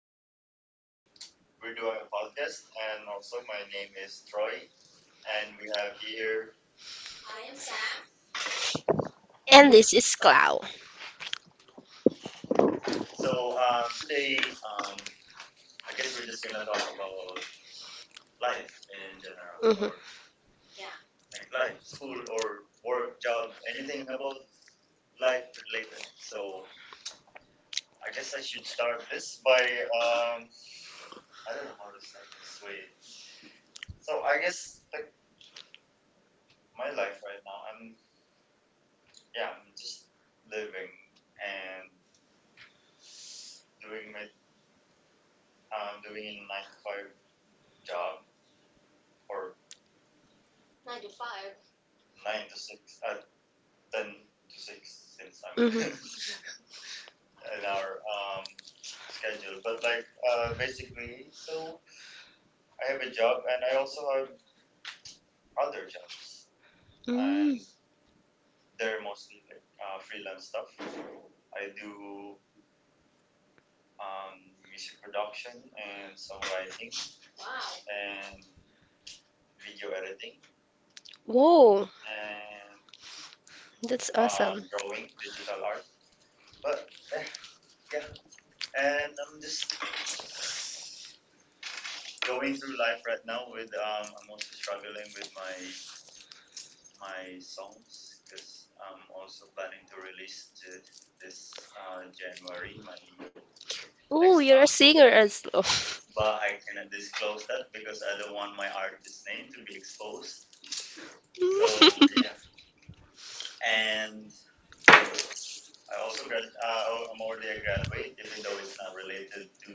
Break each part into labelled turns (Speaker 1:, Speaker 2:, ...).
Speaker 1: We're doing a podcast, and also my name is Troy, and we have here.
Speaker 2: And this is Clau.
Speaker 1: So today, I guess we're just gonna talk about life in general,
Speaker 2: Mm-hmm.
Speaker 1: like life, school, or work, job, anything about life related. So I guess I should start this by um, I don't know how to start this. Wait. So I guess like my life right now, I'm yeah, I'm just living and doing my doing a 9 to 5 job or 9 to 6, uh, 10 to 6 since I'm
Speaker 2: Mm-hmm.
Speaker 1: in our schedule. But like basically, so I have a job and I also have other jobs, and
Speaker 2: Mm.
Speaker 1: they're mostly like freelance stuff. I do um, music production and songwriting and video editing
Speaker 2: Whoa,
Speaker 1: and
Speaker 2: that's awesome.
Speaker 1: drawing, digital art. But yeah, yeah, and I'm just going through life right now with I'm also struggling with my songs because I'm also planning to release this January my
Speaker 2: Oh, you're a singer as well.
Speaker 1: but I cannot disclose that because I don't want my artist name to be exposed. So and I also grad I'm already a graduate even though it's not related to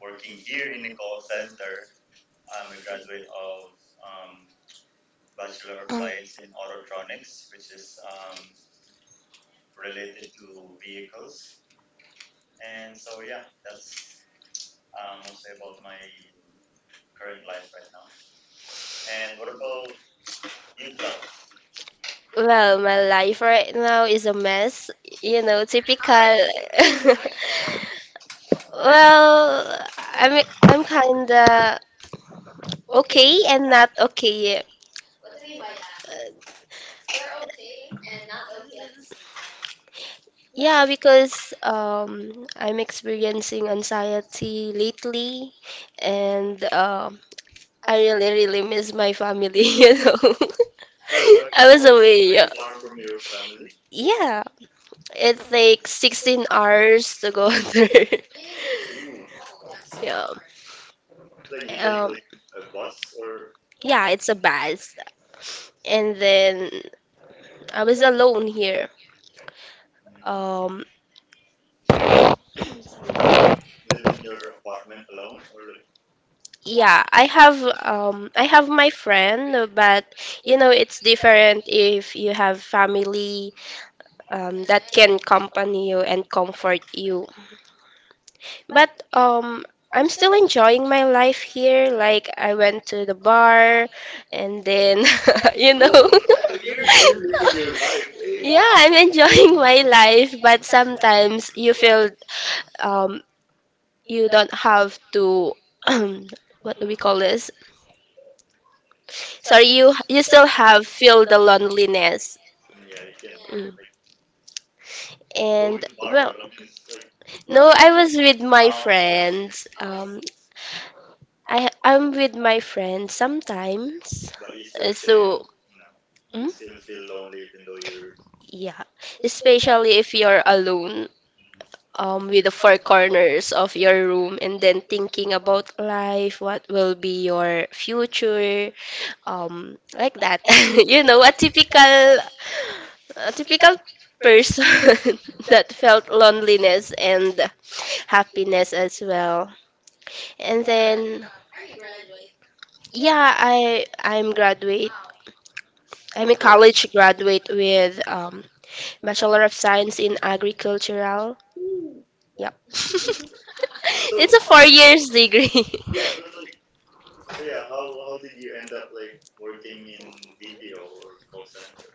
Speaker 1: working here in the call center. I'm a graduate of um, Bachelor of
Speaker 2: Um,
Speaker 1: Science in Autotronics, which is related to vehicles. And so, yeah, that's mostly about my current life right now. And what about you, Cloud?
Speaker 2: Well, my life right now is a mess. You know, typical. Well, I'm kinda okay and not okay. Yeah, because I'm experiencing anxiety lately, and I really, really miss my family, you know.
Speaker 1: Hello, I
Speaker 2: I was away. Yeah,
Speaker 1: just from your family.
Speaker 2: Yeah, it takes 16 hours to go there.
Speaker 1: Hmm.
Speaker 2: Yeah. Um,
Speaker 1: Like,
Speaker 2: yeah, it's a bus. And then I was alone here. Um,
Speaker 1: so you like live in your apartment alone, or like
Speaker 2: Yeah, I have my friend, but you know it's different if you have family that can accompany you and comfort you. But I'm still enjoying my life here. Like I went to the bar and then you know
Speaker 1: so you're living your life, eh?
Speaker 2: Yeah, I'm enjoying my life, but sometimes you feel um you don't have to. What do we call this? Sorry, you still have feel the loneliness.
Speaker 1: Yeah, you can
Speaker 2: Mm.
Speaker 1: like
Speaker 2: And
Speaker 1: bar
Speaker 2: well,
Speaker 1: alone. It's like,
Speaker 2: no, I was with my friends. I'm with my friends sometimes.
Speaker 1: but you still,
Speaker 2: So,
Speaker 1: no,
Speaker 2: mm,
Speaker 1: you still feel lonely even though you're.
Speaker 2: yeah, especially if you're alone. With the four corners of your room, and then thinking about life, what will be your future, like that. You know, a typical person that felt loneliness and happiness as well. And then yeah, I'm graduate. I'm a college graduate with bachelor of science in agricultural. Yep.
Speaker 1: So
Speaker 2: It's a 4 years degree.
Speaker 1: yeah, but like, so yeah, how did you end up like working in BPO or call center?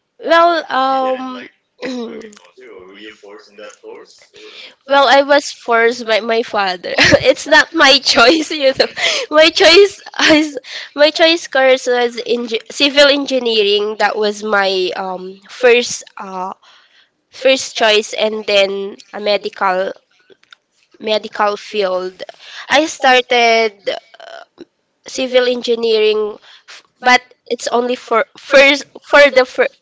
Speaker 2: Well,
Speaker 1: Agriculture, or were you forced in that course? Or well,
Speaker 2: Well, I
Speaker 1: I was
Speaker 2: was forced
Speaker 1: first
Speaker 2: by
Speaker 1: by
Speaker 2: my father. It's not my choice,
Speaker 1: choice.
Speaker 2: you know. My choice is my choice course was
Speaker 1: The
Speaker 2: in civil engineering. That was my first first
Speaker 1: first
Speaker 2: choice, and then a medical
Speaker 1: medical.
Speaker 2: medical field. I
Speaker 1: I
Speaker 2: started
Speaker 1: started civil
Speaker 2: civil
Speaker 1: engineering,
Speaker 2: engineering,
Speaker 1: but
Speaker 2: but it's
Speaker 1: it's
Speaker 2: only
Speaker 1: only
Speaker 2: for first for the fir-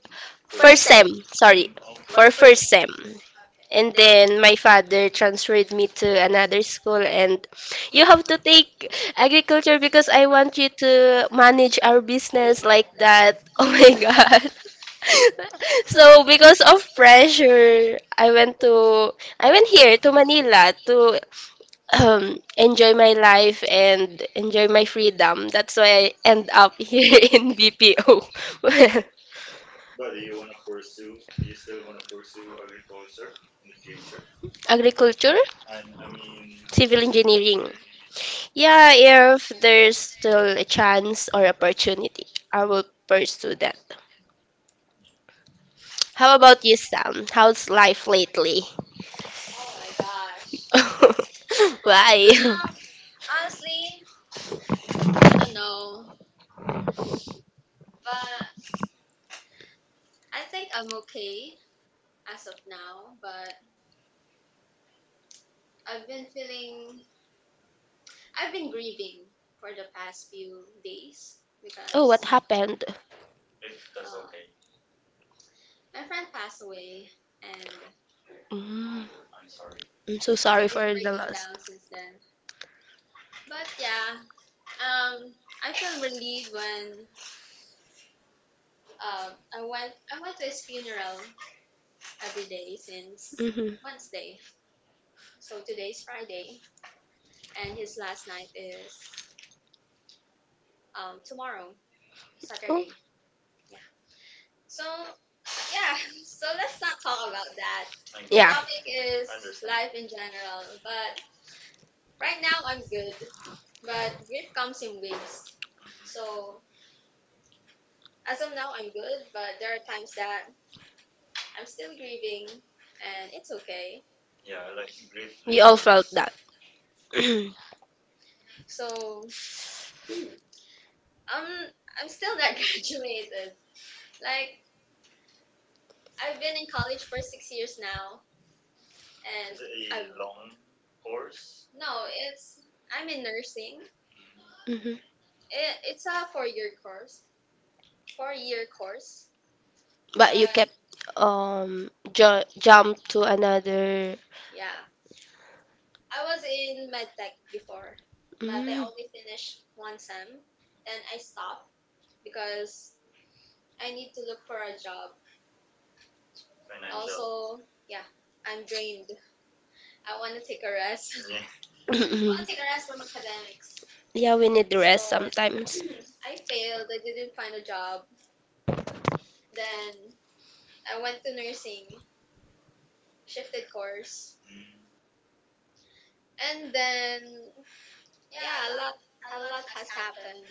Speaker 2: first
Speaker 1: first
Speaker 2: sem.
Speaker 1: sem.
Speaker 2: Sorry, for
Speaker 1: For first,
Speaker 2: first sem. And then my father transferred me to another school, and you have to take agriculture because I want you to manage our business like that. Oh my God. So because of pressure, I went here to Manila to
Speaker 1: um,
Speaker 2: enjoy
Speaker 1: join my
Speaker 2: my life and enjoy my freedom. That's why I end up here in BPO.
Speaker 1: But do you want to pursue? Do you still want to pursue agriculture in the future?
Speaker 2: Agriculture,
Speaker 1: Agriculture, I mean, civil
Speaker 2: civil
Speaker 1: engineering.
Speaker 2: engineering. Yeah, if there's still a chance or opportunity, I will pursue that. How
Speaker 1: How about
Speaker 2: about you,
Speaker 1: it?
Speaker 2: Sam?
Speaker 1: How's
Speaker 2: How's
Speaker 1: life
Speaker 2: life
Speaker 1: lately?
Speaker 2: lately?
Speaker 1: Oh my gosh,
Speaker 2: Why?
Speaker 1: why?
Speaker 2: Oh, what
Speaker 1: Because
Speaker 2: happened? Mm,
Speaker 1: I'm sorry.
Speaker 2: I'm so sorry for the loss.
Speaker 1: Down since then. But yeah, Um, I felt relieved when I went to his funeral every day since
Speaker 2: hmm
Speaker 1: Wednesday. So today's Friday, and his last night is tomorrow,
Speaker 2: Oh,
Speaker 1: Saturday. Yeah. So yeah. So let's not talk about that. The okay.
Speaker 2: yeah,
Speaker 1: Topic is understand. Life in general, but right now I'm good. But grief comes in waves. So as of now, I'm good, but there are times that I'm still grieving, and it's okay. Yeah, like grief.
Speaker 2: we all
Speaker 1: Like,
Speaker 2: felt that. hmm
Speaker 1: so I'm I'm still not graduated. Like I've been in college for 6 years now, and it's a I long course. No, it's I'm in nursing. It's a four-year course, four-year course. But
Speaker 2: But you kept jump to another.
Speaker 1: yeah, I was in med tech before, but I
Speaker 2: Mm.
Speaker 1: only finished one sem, then I stopped because I need to look for a job financial. Also, yeah, I'm drained. I want to take a rest. Yeah,
Speaker 2: Mm-mm.
Speaker 1: take a rest from academics.
Speaker 2: Yeah, we need
Speaker 1: So
Speaker 2: rest sometimes.
Speaker 1: hmm, I failed. I didn't find a job. Then I went to nursing, shifted course, and then yeah, a lot has happened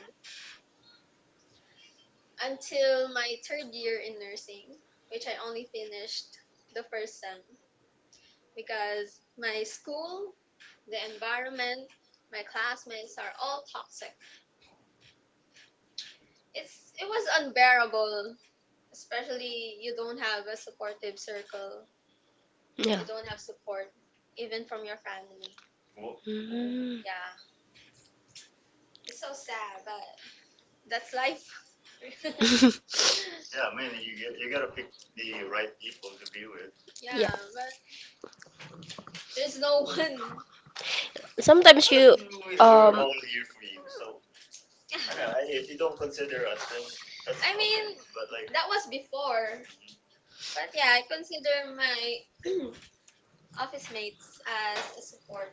Speaker 1: until my third year in nursing, which I only finished the first sem because my school, the environment, my classmates are all toxic. It's it was unbearable, especially you don't have a supportive circle,
Speaker 2: Yeah.
Speaker 1: you don't have support even from your family. Well, well,
Speaker 2: Mm.
Speaker 1: yeah, it's so sad, but that's life. Yeah, I mean, you get- you gotta pick the right people to be with.
Speaker 2: Yeah.
Speaker 1: Yeah, but there's no one
Speaker 2: Sometimes you
Speaker 1: we're
Speaker 2: um
Speaker 1: all here for you, so I know. I- if you don't consider us, then that's I okay. Mean, okay. But like, that was before, but yeah, I consider my office mates as a support,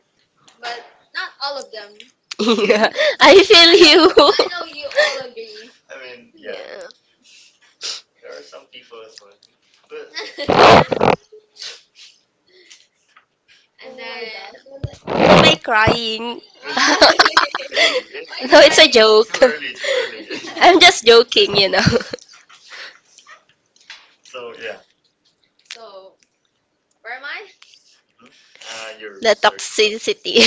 Speaker 1: but not all of
Speaker 2: yeah,
Speaker 1: them.
Speaker 2: I feel
Speaker 1: I
Speaker 2: you.
Speaker 1: know you all agree. I mean, yeah,
Speaker 2: Yeah.
Speaker 1: there are some people as well. But mm, and then
Speaker 2: Am I crying?
Speaker 1: why? Really, really,
Speaker 2: No, it's a
Speaker 1: right.
Speaker 2: joke.
Speaker 1: Too early, too
Speaker 2: I'm just joking, you know.
Speaker 1: so yeah, so where am I? You're
Speaker 2: The
Speaker 1: sorry for that.
Speaker 2: toxicity.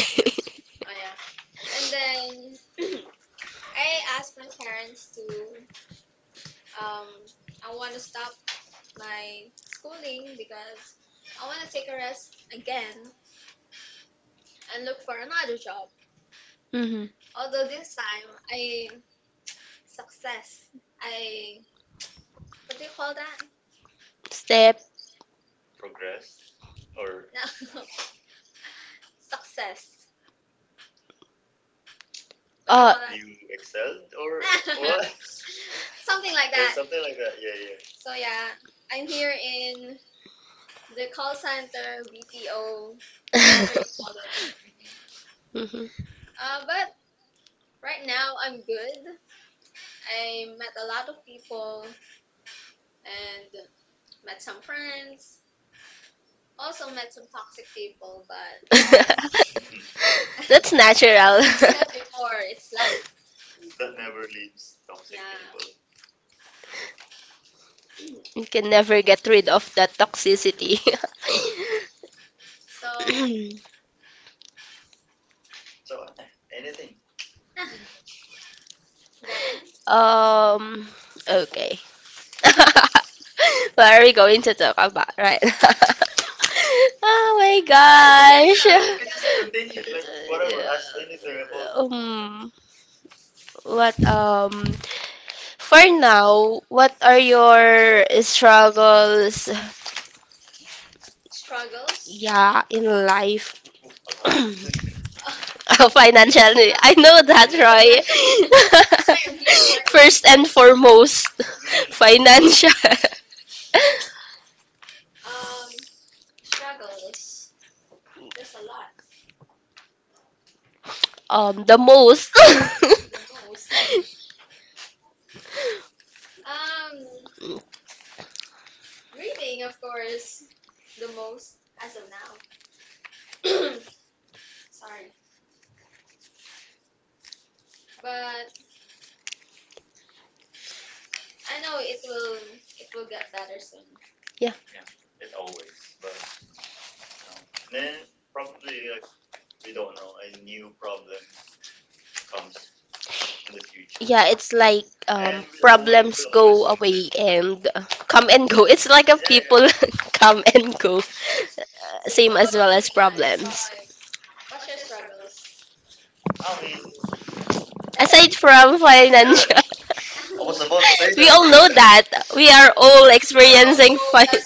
Speaker 1: Oh yeah. And then I asked my parents to um I want to stop my schooling because I want to take a rest again and look for another job.
Speaker 2: Mhm.
Speaker 1: Although this time I success, I what do you call that?
Speaker 2: Step.
Speaker 1: Progressed or no, success. What do you
Speaker 2: Uh.
Speaker 1: call that? You excelled or what? Something like or that. Something like that. Yeah, yeah. So yeah, I'm here in the call center, BPO, whatever. You-
Speaker 2: Mhm.
Speaker 1: but right now I'm good. I met a lot of people and met some friends, also met some toxic people, but yeah,
Speaker 2: That's natural.
Speaker 1: it's like before, it's life. That never leaves toxic yeah. People.
Speaker 2: You can never get rid of that toxicity.
Speaker 1: So so anything. Then
Speaker 2: um, okay. What are we going to talk about? Right. Oh my
Speaker 1: just
Speaker 2: gosh.
Speaker 1: continue, like whatever, ask anything about
Speaker 2: Um, what for now, what are your struggles,
Speaker 1: struggles.
Speaker 2: yeah, in life? Financially. I know that, Roy.
Speaker 1: I'm here working
Speaker 2: First and
Speaker 1: for
Speaker 2: foremost,
Speaker 1: mm,
Speaker 2: financial.
Speaker 1: um struggles.
Speaker 2: The most.
Speaker 1: Most Um, grieving, of course, the most as of now. Sorry, but I know it will get better soon.
Speaker 2: Yeah,
Speaker 1: Yeah, it always, but you know. And then probably like we don't know a new problem comes in the future.
Speaker 2: yeah. It's like
Speaker 1: And
Speaker 2: problems go away, and, come and go. It's like a people come and go, same as well as problems.
Speaker 1: you what's your struggles? I mean,
Speaker 2: Aside from financial.
Speaker 1: say
Speaker 2: We
Speaker 1: that
Speaker 2: all know that. We are
Speaker 1: oh,
Speaker 2: all
Speaker 1: like oh
Speaker 2: experiencing fun.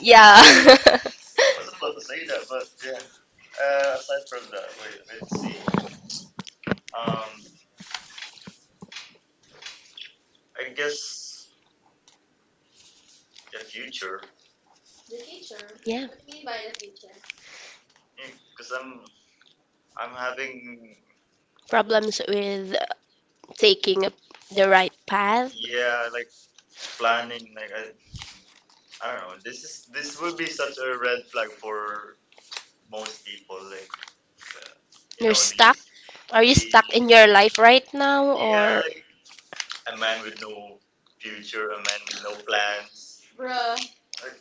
Speaker 2: Yeah.
Speaker 1: I was about to say that, but yeah. Aside from that, wait, let's see. Um, I guess a future,
Speaker 2: Yeah,
Speaker 1: because yeah, I'm having
Speaker 2: problems with taking the right path.
Speaker 1: yeah, like planning, like I don't know. This is this will be such a red flag for most people. Like, uh,
Speaker 2: You're
Speaker 1: know,
Speaker 2: stuck. Are you stuck
Speaker 1: the
Speaker 2: in your life right now
Speaker 1: yeah,
Speaker 2: or
Speaker 1: like a man with no future, a man with no plans. Bruh. Like,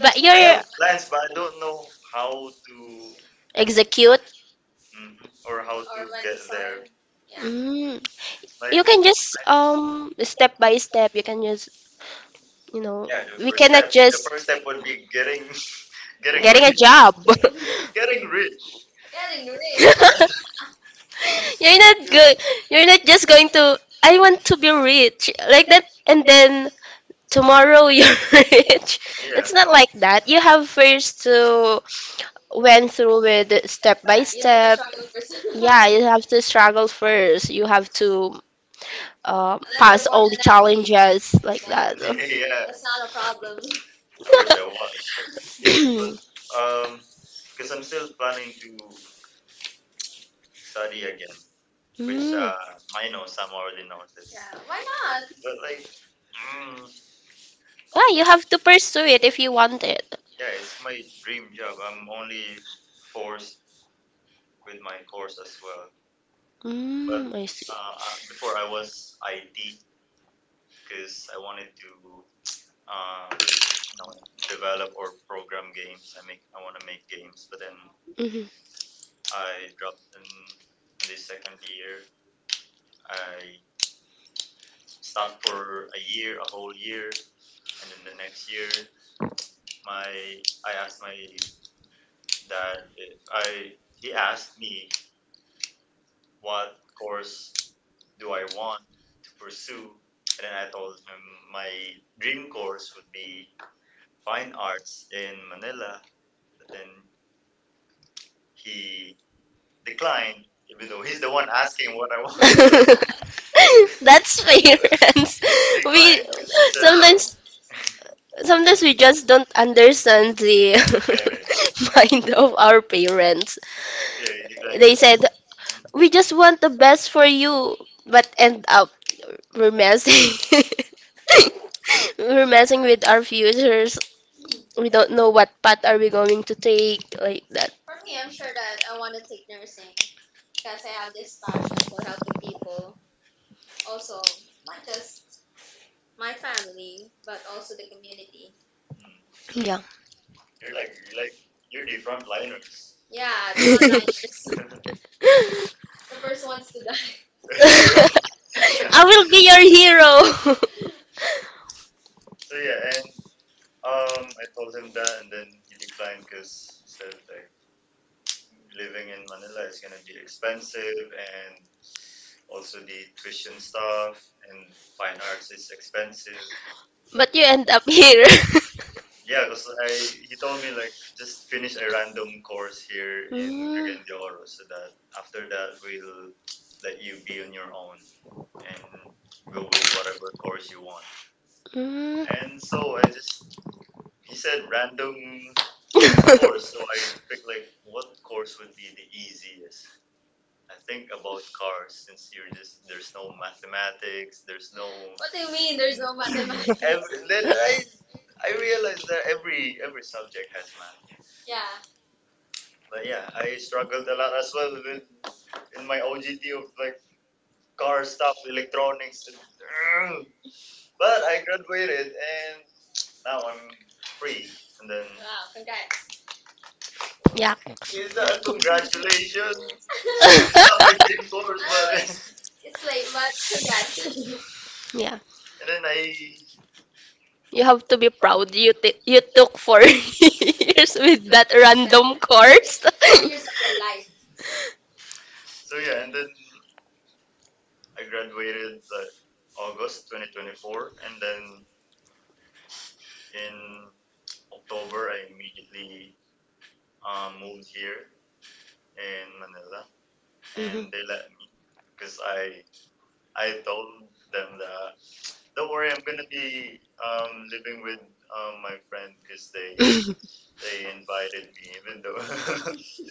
Speaker 2: but you're
Speaker 1: plans, but I don't know how to mhm,
Speaker 2: execute?
Speaker 1: or how
Speaker 2: Mm. You
Speaker 1: like,
Speaker 2: can just step by step. You can just, you know,
Speaker 1: yeah, the
Speaker 2: we cannot just
Speaker 1: first step would be getting getting
Speaker 2: getting a job.
Speaker 1: getting rich. Getting rich. Yeah,
Speaker 2: You're not good. You're not just going to. I want to be rich like that, and then tomorrow you're rich. It's not like that. You have first to went through with it step by
Speaker 1: yeah,
Speaker 2: step. Yeah, you have to struggle first. You have to pass all the challenges like that.
Speaker 1: yeah. Yeah. I wish I was. Um, because I'm still planning to study again, which
Speaker 2: Mm.
Speaker 1: I know some already knows this. Yeah, why not? But like, mm,
Speaker 2: Why you have to pursue it if you want it.
Speaker 1: yeah, it's my dream job. I'm only forced with my course as well. But
Speaker 2: Mm, I see.
Speaker 1: before I was IT because I wanted to you know develop or program games. I make I want to make games, but then
Speaker 2: Mm-hmm.
Speaker 1: I dropped in the second year. I stopped for a year, a whole year, and then the next year my I asked my dad if I he asked me what course do I want to pursue, and then I told him my dream course would be fine arts in Manila, but then he declined even though he's the one asking what I want.
Speaker 2: That's fair. And
Speaker 1: He
Speaker 2: we
Speaker 1: declined because he's
Speaker 2: sometimes sometimes we just don't understand the
Speaker 1: parent,
Speaker 2: mind of our parents.
Speaker 1: yeah, he declined.
Speaker 2: They said we just want the best for you, but end up we're messing we're messing with our futures.
Speaker 1: Mhm.
Speaker 2: We don't know what path are we going to take like that.
Speaker 1: For me, I'm sure that I want to take nursing because I have this passion for helping people. Also, not just my family, but also the community. Mm.
Speaker 2: Yeah.
Speaker 1: You're like you're like you're the front liners. Yeah, the frontliners, the first ones to die.
Speaker 2: I will be your hero.
Speaker 1: So yeah, and I told him that, and then he declined because he said like living in Manila is gonna be expensive, and also the tuition stuff and fine arts is expensive.
Speaker 2: But you end up here.
Speaker 1: Yeah, because I he told me like just finish a random course here in
Speaker 2: Mm,
Speaker 1: Cagayan de Oro so that after that we'll let you be on your own and go with whatever course you want.
Speaker 2: mm.
Speaker 1: And so I just he said random course, so I picked like what course would be the easiest. I think about cars since you're just there's no mathematics, there's no what do you mean? There's no ev- mathematics. Ev- then I realize that every subject has math, yeah. But yeah, I struggled a lot as well with in my OGT of like car stuff, electronics, and, but I graduated and now I'm free. And then wow. Congrats.
Speaker 2: Yeah.
Speaker 1: Is that congratulations? It's not my dream course, oh, but it's it's late, but congrats.
Speaker 2: Yeah.
Speaker 1: And then I
Speaker 2: You have to be proud you you took four years with that random course.
Speaker 1: 4 years of your life. So yeah, and then I graduated like August 2024, and then in October, I immediately moved here in Manila, and
Speaker 2: Mhm.
Speaker 1: they let me because I told them that don't worry, I'm gonna be living with my friend because they invited me, even though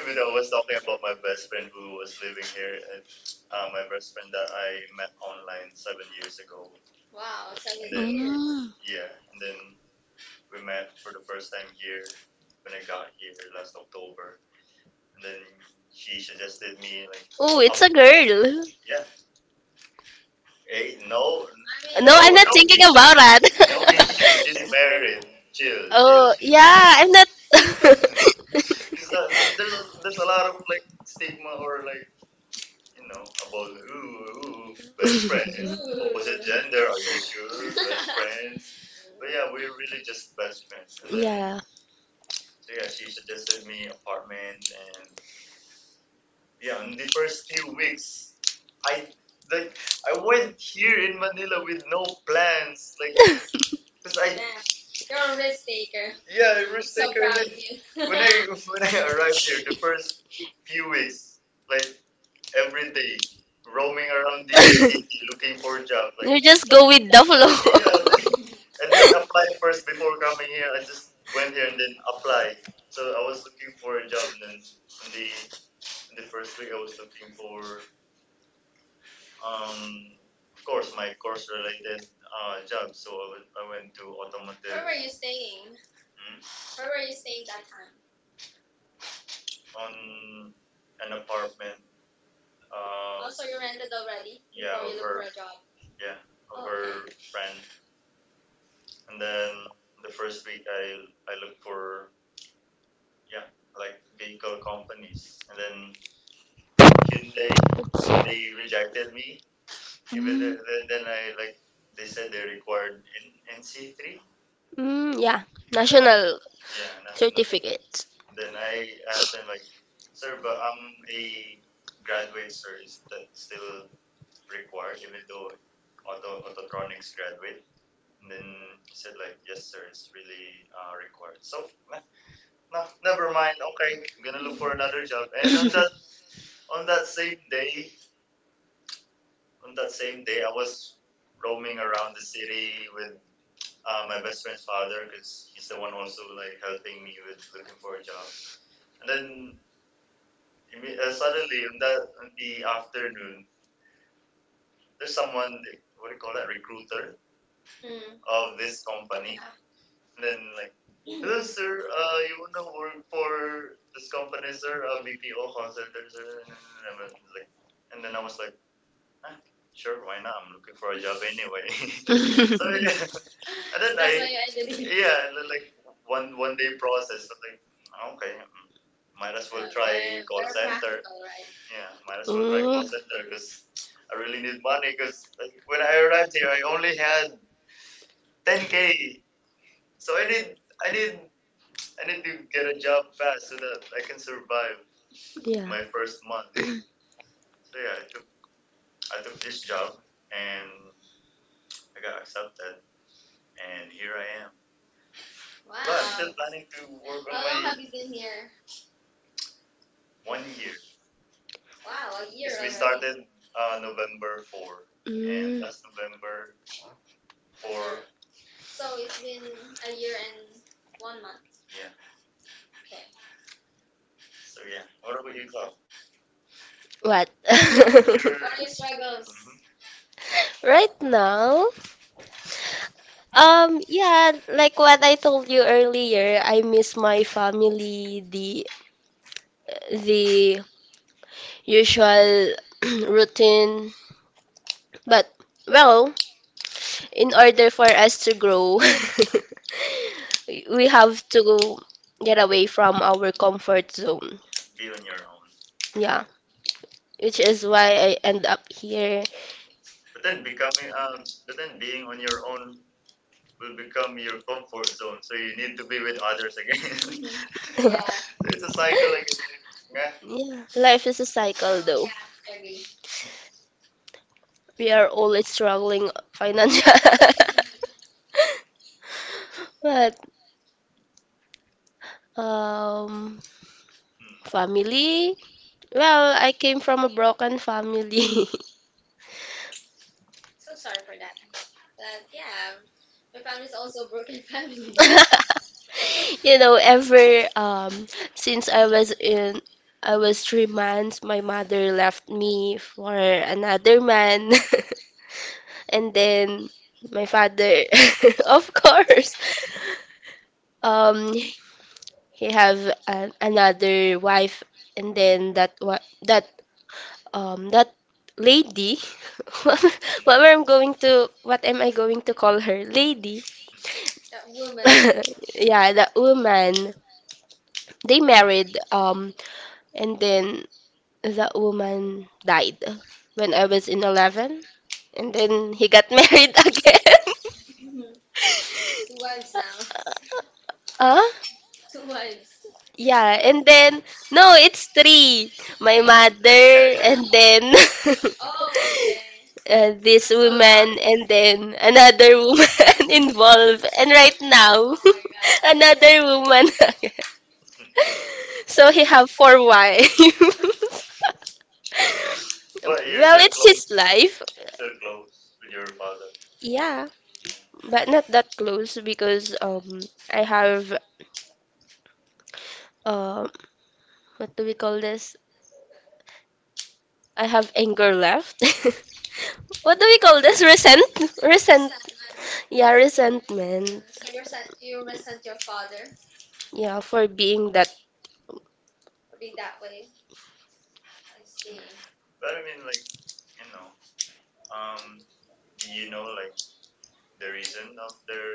Speaker 1: even though I was talking about my best friend who was living here, my best friend that I met online 7 years ago, wow, and seven and then years.
Speaker 2: Mm.
Speaker 1: Yeah, and then we met for the first time here when I got here last October. And then she suggested me like,
Speaker 2: Oh, it's a girl.
Speaker 1: yeah, hey, no, I
Speaker 2: No, I'm
Speaker 1: no
Speaker 2: not thinking about
Speaker 1: issue, no issue. She's
Speaker 2: that.
Speaker 1: married. Chill, chill. Oh.
Speaker 2: Oh, yeah, I'm not.
Speaker 1: 'Cause, uh, there's a there's a lot of like stigma or like you know about ooh, ooh best friends. Ooh. Opposite gender, are you sure? Best friends. But yeah, we're really just best friends. And then
Speaker 2: Yeah.
Speaker 1: she suggested me apartment and yeah in the first few weeks I like I went here in Manila with no plans like because I Damn. You're a risk taker. Yeah I risk So taker proud then of you. when I when I arrived here the first few weeks like every day roaming around the city looking for a job like
Speaker 2: You
Speaker 1: You're just
Speaker 2: just go
Speaker 1: going.
Speaker 2: with the, yeah,
Speaker 1: yeah
Speaker 2: flow.
Speaker 1: like, I didn't apply first before coming here I just went here and then apply so I was looking for a job and then on the on the first week I was looking for Um, of course, my course-related job. So I went to automotive. Where were you staying? hmm, Where were you staying that time? On an apartment. Also, you rented already yeah, before you of look for a job. Yeah, of Oh, her okay. friend. And then the first week, I looked for yeah, like vehicle companies. And then Hyundai, they rejected me. Even the, then I like they said they required N NC three.
Speaker 2: Mm, yeah. National,
Speaker 1: Yeah, and
Speaker 2: yeah,
Speaker 1: that's
Speaker 2: certificate.
Speaker 1: Then I asked them like, "Sir, but I'm a graduate, sir. Is that still required, even though autotronics graduate?" And then he said like, "Yes, sir. It's really required." So, nah, nah, never mind. Okay, I'm gonna look for another job. And on that same day, on that same day, I was roaming around the city with my best friend's father because he's the one also like helping me with looking for a job. And then suddenly in the afternoon, there's someone the- what do you call that recruiter Mm. of this company, yeah. And then like, hello sir, you wanna work for this company, sir? BPO call center, sir. And then- Like, and then I was like, ah, sure, why not? I'm looking for a job anyway. So yeah, and then That's I why you ended it. Yeah, and then, like one day process. I'm like, okay, might as well Yeah, try they call very center. Practical, right? Yeah, might as well try call center because
Speaker 2: Mm,
Speaker 1: I really need money. Because like when I arrived here, I only had 10K, so I need I need I need to get a job fast so that I can survive
Speaker 2: yeah.
Speaker 1: my first month. So yeah, I took this job and I got accepted, and here I am. But I'm still Wow. planning to work on How long my have you been here? One year. Wow, a year Because we already. Started November 4, and
Speaker 2: Mm,
Speaker 1: last November for Sure. So it's been a year and one month. Yeah. Okay. So yeah. What about you, Chloe? What?
Speaker 2: what?
Speaker 1: What are your struggles? Mhm.
Speaker 2: Right now? Yeah, like what I told you earlier, I miss my family, the usual routine. But well, in order for us to grow, we have to get away from our comfort zone.
Speaker 1: Be on your own.
Speaker 2: Yeah, which is why I end up here.
Speaker 1: But then becoming but then being on your own will become your comfort zone. So you need to be with others again. Yeah. It's a cycle again. Yeah.
Speaker 2: Yeah, life is a cycle though.
Speaker 1: I agree.
Speaker 2: We are always struggling financially. But um
Speaker 1: Hmm.
Speaker 2: family, well, I came from a broken family.
Speaker 1: So sorry for that. But yeah, my family is also a broken family.
Speaker 2: You know, ever since I was 3 months, my mother left me for another man. And then my father, of course, um, he have another wife, and then that wa- that that lady, what am I going to call her? Lady.
Speaker 1: That woman.
Speaker 2: Yeah, the woman they married, and then the woman died when I was in 11, and then he got married again.
Speaker 1: Two wives now.
Speaker 2: Huh?
Speaker 1: Two wives. Two
Speaker 2: Yeah, and then no, it's three. My
Speaker 1: Three.
Speaker 2: mother, and then
Speaker 1: Oh, okay.
Speaker 2: this
Speaker 1: That's a lot.
Speaker 2: woman, and then another woman involved, and right
Speaker 1: Oh
Speaker 2: now
Speaker 1: my
Speaker 2: another
Speaker 1: god.
Speaker 2: woman. So he have four wives.
Speaker 1: Why you
Speaker 2: Well, it's his life.
Speaker 1: so close with your father?
Speaker 2: Yeah, but not that close because I
Speaker 1: Have
Speaker 2: have uh what do we call this? I have anger left. What do we call this? Resent. Yeah,
Speaker 1: resent.
Speaker 2: resentment.
Speaker 1: Mm, So you resent your father yeah,
Speaker 2: Yeah,
Speaker 1: for
Speaker 2: for
Speaker 1: being
Speaker 2: being
Speaker 1: that.
Speaker 2: that
Speaker 1: For being that way. I see. But I mean, like you know, um, do you know like the reason of their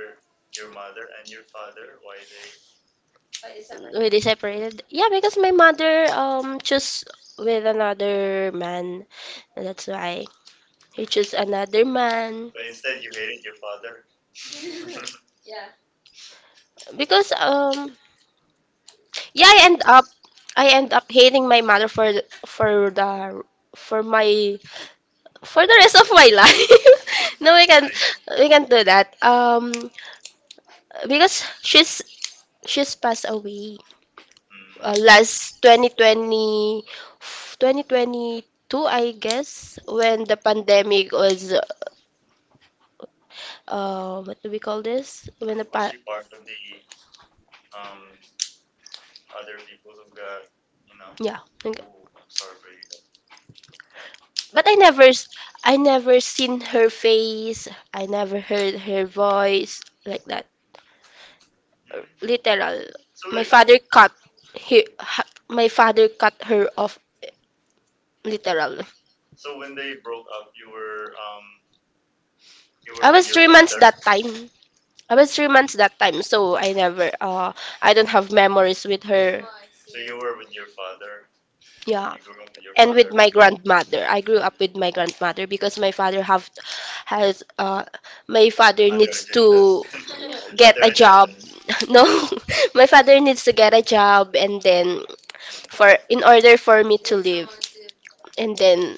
Speaker 1: your mother and your father why they
Speaker 2: we they separated. Yeah, because my mother chose with another man. That's why he chose another man.
Speaker 1: But instead, you hated your father. yeah
Speaker 2: Because yeah, I end up hating my mother for my for the rest of my life. No, we can do that. Because she's passed away,
Speaker 1: Mm.
Speaker 2: last twenty twenty twenty twenty two, I guess, when the pandemic was, what do we call this when the
Speaker 1: You part of the um, other people who got, you know, who-
Speaker 2: yeah. I think-
Speaker 1: I'm sorry for you.
Speaker 2: but I never seen her face. I never heard her voice like that.
Speaker 1: Mm.
Speaker 2: Literal.
Speaker 1: So,
Speaker 2: My father cut he, ha, my father cut her off literal.
Speaker 1: so when they broke up, you were you
Speaker 2: I was 3 months
Speaker 1: there.
Speaker 2: that time. I was 3 months that time, so I never, I don't have
Speaker 1: I
Speaker 2: memories with her.
Speaker 1: were with your father.
Speaker 2: Yeah.
Speaker 1: You grew up with your
Speaker 2: And with my grandmother. I grew up with my grandmother because my father has uh needs to get a job. No, my father needs to get a job and then for in order for me to live. And then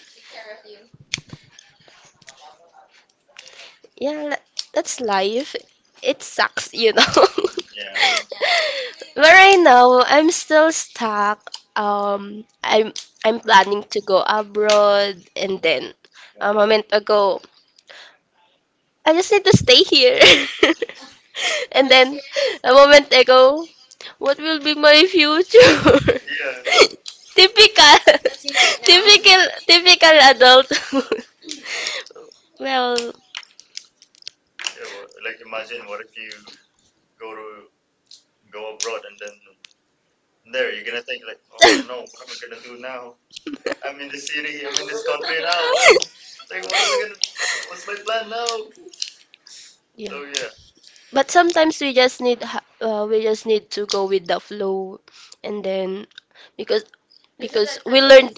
Speaker 2: yeah, that's life. It sucks, you know.
Speaker 1: yeah.
Speaker 2: But right now I'm still stuck. Um, I'm I'm planning to go abroad, and then a moment ago I just need to stay here. And then a moment ago, what will be my future?
Speaker 1: Yeah, like,
Speaker 2: Typical,
Speaker 1: right now
Speaker 2: typical, typical adult. Well,
Speaker 1: yeah, well, like imagine what if you go to go abroad and then There, you're gonna think like, oh no, what am I gonna do now? I'm in the city, I'm in this country now. What, like, what am I gonna? What's my plan now?
Speaker 2: yeah.
Speaker 1: So yeah,
Speaker 2: But sometimes we just need to go with the flow, and then because we learned.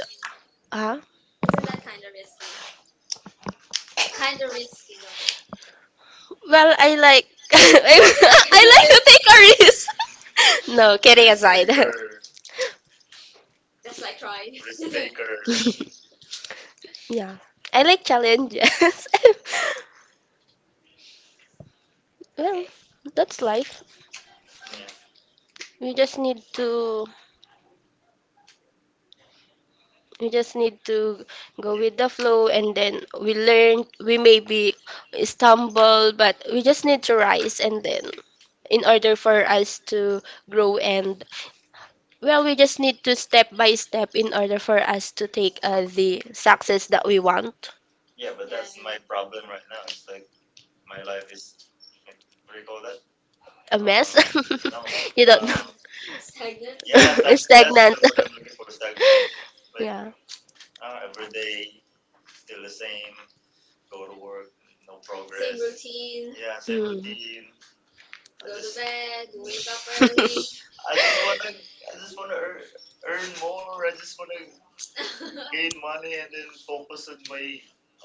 Speaker 2: Huh?
Speaker 1: Isn't that kind of risky? Kind of risky though.
Speaker 2: Well, I like, I like to take a risk. No, kidding aside.
Speaker 1: taker, That's like trying. risk yeah. taker.
Speaker 2: Yeah, I like challenges. Well, that's life.
Speaker 1: Yeah.
Speaker 2: We just need to we just need to go with the flow, and then we learn, we maybe stumble, but we just need to rise and then in order for us to grow, and well, we just need to step by step in order for us to take, the success that we want.
Speaker 1: Yeah, but Yeah, that's yeah. my problem right now. It's like my life is, like, what do you call that?
Speaker 2: A mess?
Speaker 1: No,
Speaker 2: You don't know.
Speaker 1: Stagnant.
Speaker 2: Stagnant.
Speaker 1: What I'm looking for stagnant. Like
Speaker 2: Yeah.
Speaker 1: ah, every day still the same, go to work, no progress. Same routine. Yeah, same
Speaker 2: Hmm.
Speaker 1: routine. Go I Go to bed. Wake up I just wanna, I just wanna earn, earn more. I just wanna gain money and then focus on my.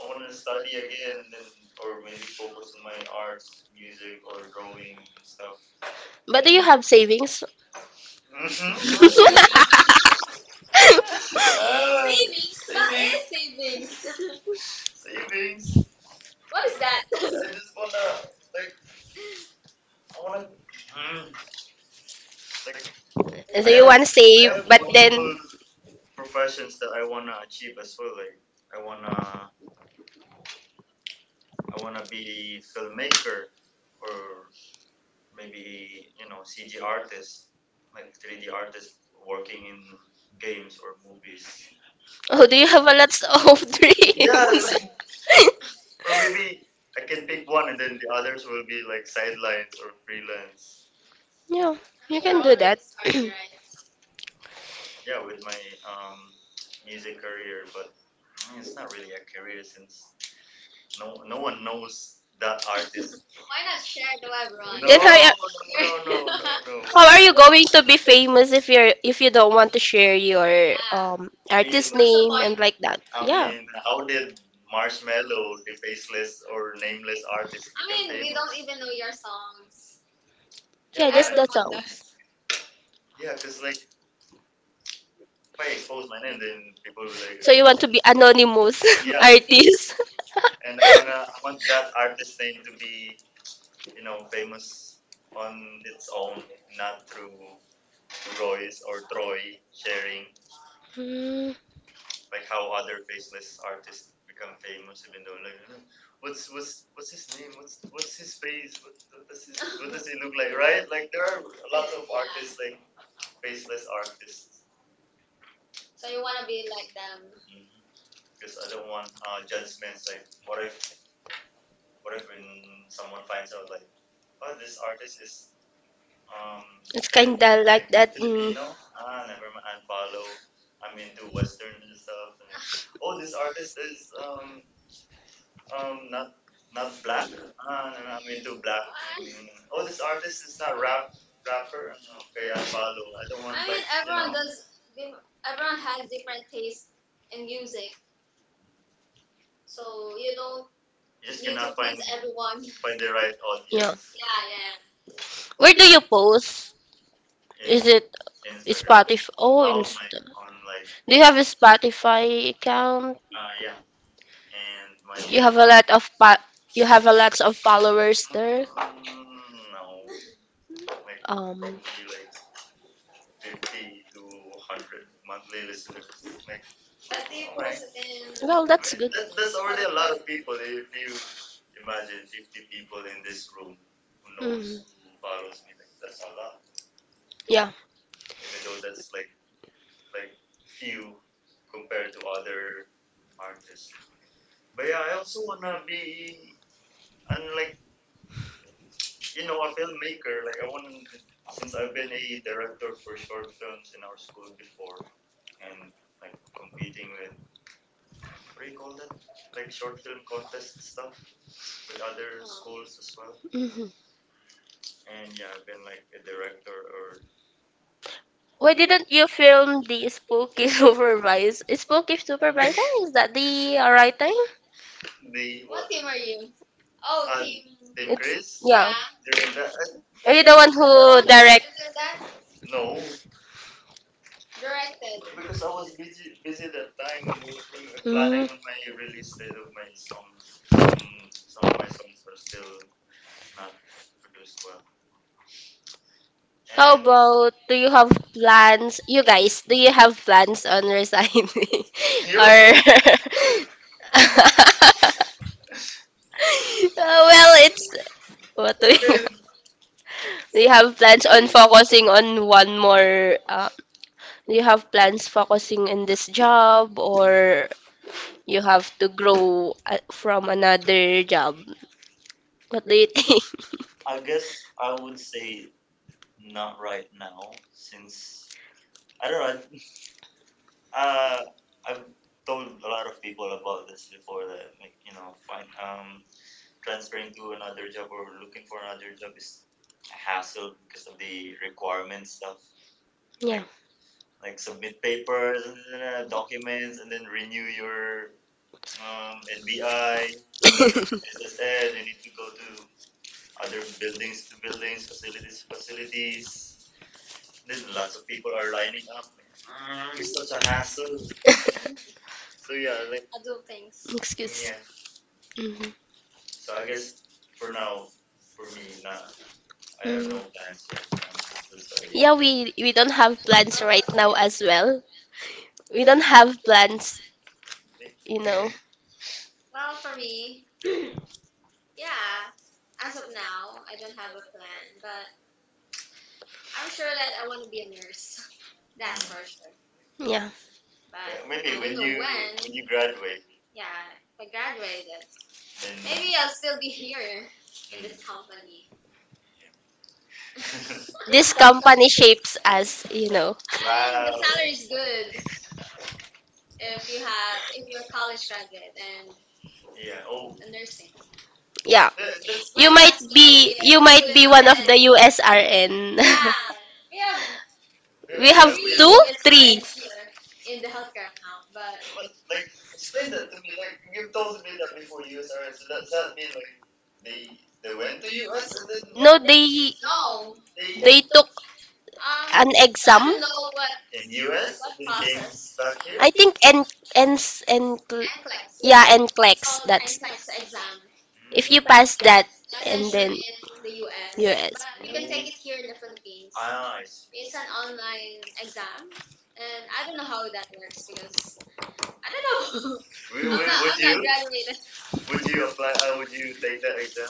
Speaker 1: I wanna study again and then, or maybe focus on my arts, music, or drawing and stuff.
Speaker 2: But do you have savings?
Speaker 1: Ah, savings. Savings. What is savings? Savings. What is that? I just wanna like I wanna like
Speaker 2: do you want to I save, but then,
Speaker 1: clothes professions that I wanna achieve as well. Like I wanna I wanna be filmmaker or maybe you know CG artist, like 3D artist working in games or movies.
Speaker 2: oh, do you have a lot of Yeah,
Speaker 1: Yeah,
Speaker 2: dreams?
Speaker 1: like,
Speaker 2: Like.
Speaker 1: or maybe I can pick one and then the others will be like sidelines or freelance.
Speaker 2: Yeah, you
Speaker 1: I
Speaker 2: can do
Speaker 1: mean,
Speaker 2: that.
Speaker 1: right. Yeah, with my um music career, but mm, it's not really a career since No, no one knows that artist. Why not share to everyone?
Speaker 2: Then,
Speaker 1: No, Ron? No, no, no, no.
Speaker 2: how are you going to be famous if you don't want to share your
Speaker 1: I mean,
Speaker 2: artist
Speaker 1: What's
Speaker 2: name and
Speaker 1: point?
Speaker 2: like that?
Speaker 1: I
Speaker 2: Yeah,
Speaker 1: mean, how did Marshmello, the faceless or nameless artist, I become mean, we famous? Don't even know your songs. Yeah,
Speaker 2: yeah, just
Speaker 1: Everyone
Speaker 2: that song.
Speaker 1: does. Yeah, cause like if I expose my name, then people
Speaker 2: Like,
Speaker 1: will like, So
Speaker 2: so
Speaker 1: you
Speaker 2: you
Speaker 1: want
Speaker 2: want to
Speaker 1: to
Speaker 2: be
Speaker 1: be
Speaker 2: anonymous
Speaker 1: yeah, an artist?
Speaker 2: artist?
Speaker 1: And I wanna want that artist name to be, you know, famous on its own, not through Royce or Troy sharing
Speaker 2: Hmm.
Speaker 1: like how other faceless artists become famous, even though like you know, what's his name? What's his face? What does his, what does he look like? Right? Like there are lots of Yeah. artists like faceless artists. So you wanna be like them. Because I don't want judgments. Like what if when someone finds out like, oh, this artist is
Speaker 2: It's
Speaker 1: It's like Filip-
Speaker 2: kinda
Speaker 1: that.
Speaker 2: like that. Mm,
Speaker 1: Filipino? Ah, never mind. Unfollow. I'm into Western and stuff. And, oh, this artist is um not black. Ah, no, I'm into black. No, no, no. Oh, this artist is not rapper. Okay, I follow. I don't want I like mean, like you everyone know. Does. Diff- Everyone has different taste in music, so you don't You're just need going to gonna please find everyone. find the right
Speaker 2: yeah.
Speaker 1: audience. Yeah, yeah,
Speaker 2: Where do you post? Is it
Speaker 1: yeah. And
Speaker 2: Spotify? Oh, Insta.
Speaker 1: I'm like,
Speaker 2: Do you have a Spotify account?
Speaker 1: yeah. And
Speaker 2: You
Speaker 1: my
Speaker 2: have a lot of pa- you have a lots of followers there.
Speaker 1: no, like
Speaker 2: Um.
Speaker 1: probably like 50 to 100 monthly listeners. Like, But they all right. posted in. Well, I
Speaker 2: Well,
Speaker 1: that's
Speaker 2: that's
Speaker 1: mean,
Speaker 2: good.
Speaker 1: that, that's already a lot horrible. Of people. If you imagine 50 people in this room who knows,
Speaker 2: Mhm.
Speaker 1: who follows me, like that's a lot.
Speaker 2: Yeah.
Speaker 1: Even though that's like few compared to other artists. But yeah, I also wanna be, and like you know, a filmmaker. Like I want to, since I've been a director for short films in our school before, and like competing with What do you call that like short film contest stuff with other schools as well.
Speaker 2: hmm
Speaker 1: And yeah, I've been like a director or
Speaker 2: Why
Speaker 1: We didn't
Speaker 2: didn't
Speaker 1: do
Speaker 2: you film
Speaker 1: film.
Speaker 2: the spooky supervise? Spooky supervisor? Is that the right thing?
Speaker 1: The What what? Team are you? Oh, team. Team
Speaker 2: It's,
Speaker 1: Chris?
Speaker 2: yeah.
Speaker 1: Yeah. During that? Are
Speaker 2: Are
Speaker 1: you
Speaker 2: you
Speaker 1: the
Speaker 2: the
Speaker 1: one
Speaker 2: one
Speaker 1: from the
Speaker 2: who
Speaker 1: one?
Speaker 2: direct?
Speaker 1: That no, directed. Because I was busy that time working, planning
Speaker 2: Mm.
Speaker 1: my release date of my songs. 'Cause Some of my songs were still not produced well.
Speaker 2: How
Speaker 1: Oh,
Speaker 2: about do you have plans? You guys, do you have plans on resigning?
Speaker 1: And
Speaker 2: Or Well, it's what do you do?
Speaker 1: you
Speaker 2: You have plans on focusing on one more do you have plans focusing in this job or you have to grow from another job? What do you think?
Speaker 1: I guess I would say not right now, since I don't know. I- Uh, I've told a lot of people about this before that, like you know, find transferring to another job or looking for another job is a hassle because of the requirement stuff,
Speaker 2: Yeah.
Speaker 1: like submit papers and then, documents and then renew your NBI, SSN. You need to go to other buildings to buildings, facilities to facilities Then lots of people are lining up. Like, "Mm, it's such a hassle. So yeah, like
Speaker 2: Excuse.
Speaker 1: yeah.
Speaker 2: Mhm.
Speaker 1: So I guess for now, for me, nah, I have
Speaker 2: Mhm.
Speaker 1: no plans yet. I'm still
Speaker 2: Yeah,
Speaker 1: staying.
Speaker 2: we don't have plans right now as well. We don't have plans, you
Speaker 1: Year.
Speaker 2: know.
Speaker 1: Well, for me, yeah, as of now, I don't have a plan, but I'm sure that I want to be a nurse. That's for sure.
Speaker 2: Yeah.
Speaker 1: Yeah, But Yeah, maybe I when don't know you when. When you graduate, Yeah, if I graduated, then maybe I'll still be here in this company.
Speaker 2: This
Speaker 1: discount time.
Speaker 2: company shapes us, you know.
Speaker 1: The wow. salary is good if you have if you're a college graduate and Yeah. Oh, a nursing.
Speaker 2: Yeah.
Speaker 1: That's You
Speaker 2: You
Speaker 1: might
Speaker 2: might
Speaker 1: as well be you
Speaker 2: be you
Speaker 1: a
Speaker 2: might be one of the
Speaker 1: USRN.
Speaker 2: USRN.
Speaker 1: Yeah, we have we
Speaker 2: We
Speaker 1: have
Speaker 2: have two,
Speaker 1: three and
Speaker 2: three.
Speaker 1: here in the healthcare account, but what? Like, explain that to me. Like, you've told me that before USRN. So that, does that mean like they they went to US and then
Speaker 2: No, they
Speaker 1: they
Speaker 2: they took
Speaker 1: I
Speaker 2: an
Speaker 1: exact.
Speaker 2: exam.
Speaker 1: Don't know what in US What and then came process? Back here?
Speaker 2: I think and and
Speaker 1: NCLEX.
Speaker 2: yeah, and
Speaker 1: Called
Speaker 2: NCLEX. That's
Speaker 1: NCLEX exam.
Speaker 2: if you pass that, and
Speaker 1: Non-censure
Speaker 2: then
Speaker 1: in the US, but
Speaker 2: US.
Speaker 1: you can take it here in the Philippines. Ah, I see. It's an online exam, and I don't know how that works because I don't know. Would, I'm would, not, would I'm not you Not graduated. Would you apply? Would you take that exam?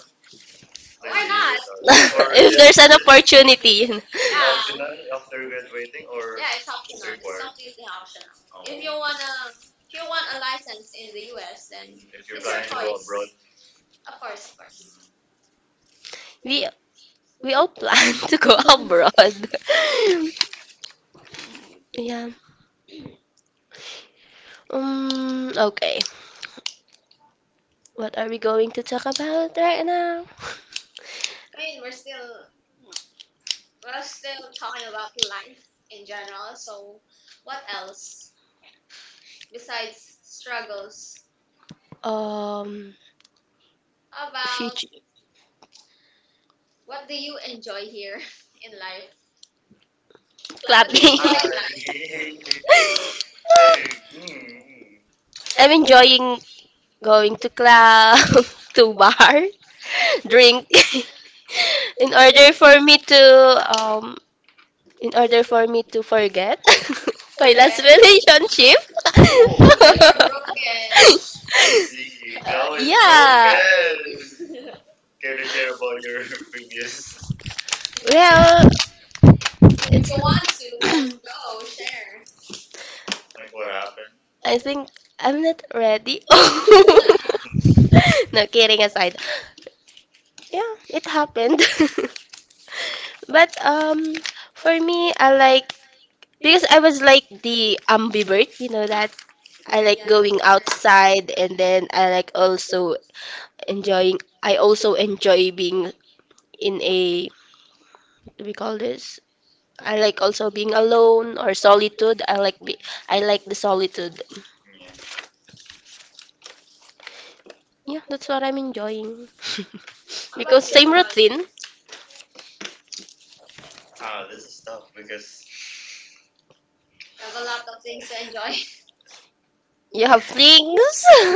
Speaker 1: Like why the not? SRE? Or
Speaker 2: If there's an opportunity,
Speaker 1: is it, yeah, optional after graduating? Or yeah, it's optional. It's required. Completely optional. Oh. If oh. you wanna, if you want a license in the US, then mm, if you're it's planning your planning to go choice. Abroad. Of course, of course. Mhm.
Speaker 2: we we all plan to go abroad. Yeah. Okay. What are we going to talk about right now?
Speaker 1: I mean, we're still talking about life in general. So, what else besides struggles? Um,
Speaker 2: Um.
Speaker 1: How about
Speaker 2: Future
Speaker 1: what do you enjoy here in life?
Speaker 2: club.
Speaker 1: What do you, ah, enjoy in life? So let's
Speaker 2: I'm enjoying going to club, to bar, drink, in order for me to um, in order for me to forget my last
Speaker 1: forget.
Speaker 2: relationship.
Speaker 1: So, oh, you're, oh, broken. I see. Chloe is
Speaker 2: Yeah.
Speaker 1: broken. Care to share about your previous, yeah. Yeah,
Speaker 2: Well,
Speaker 1: if you want to, then go share. Like what happened?
Speaker 2: I think I'm not ready. No kidding aside. Yeah, it happened. But for me, I like, because I was like the ambivert, you know that I like going outside, and then I like also enjoying. I also enjoy being in a, what do we call this? I like also being alone or solitude. I like the solitude.
Speaker 1: Yeah.
Speaker 2: Yeah, that's what I'm enjoying.
Speaker 1: How about
Speaker 2: Because
Speaker 1: good
Speaker 2: same
Speaker 1: you, thing Toy?
Speaker 2: routine,
Speaker 1: Ah, this is tough because we have a lot of things to enjoy.
Speaker 2: you have things.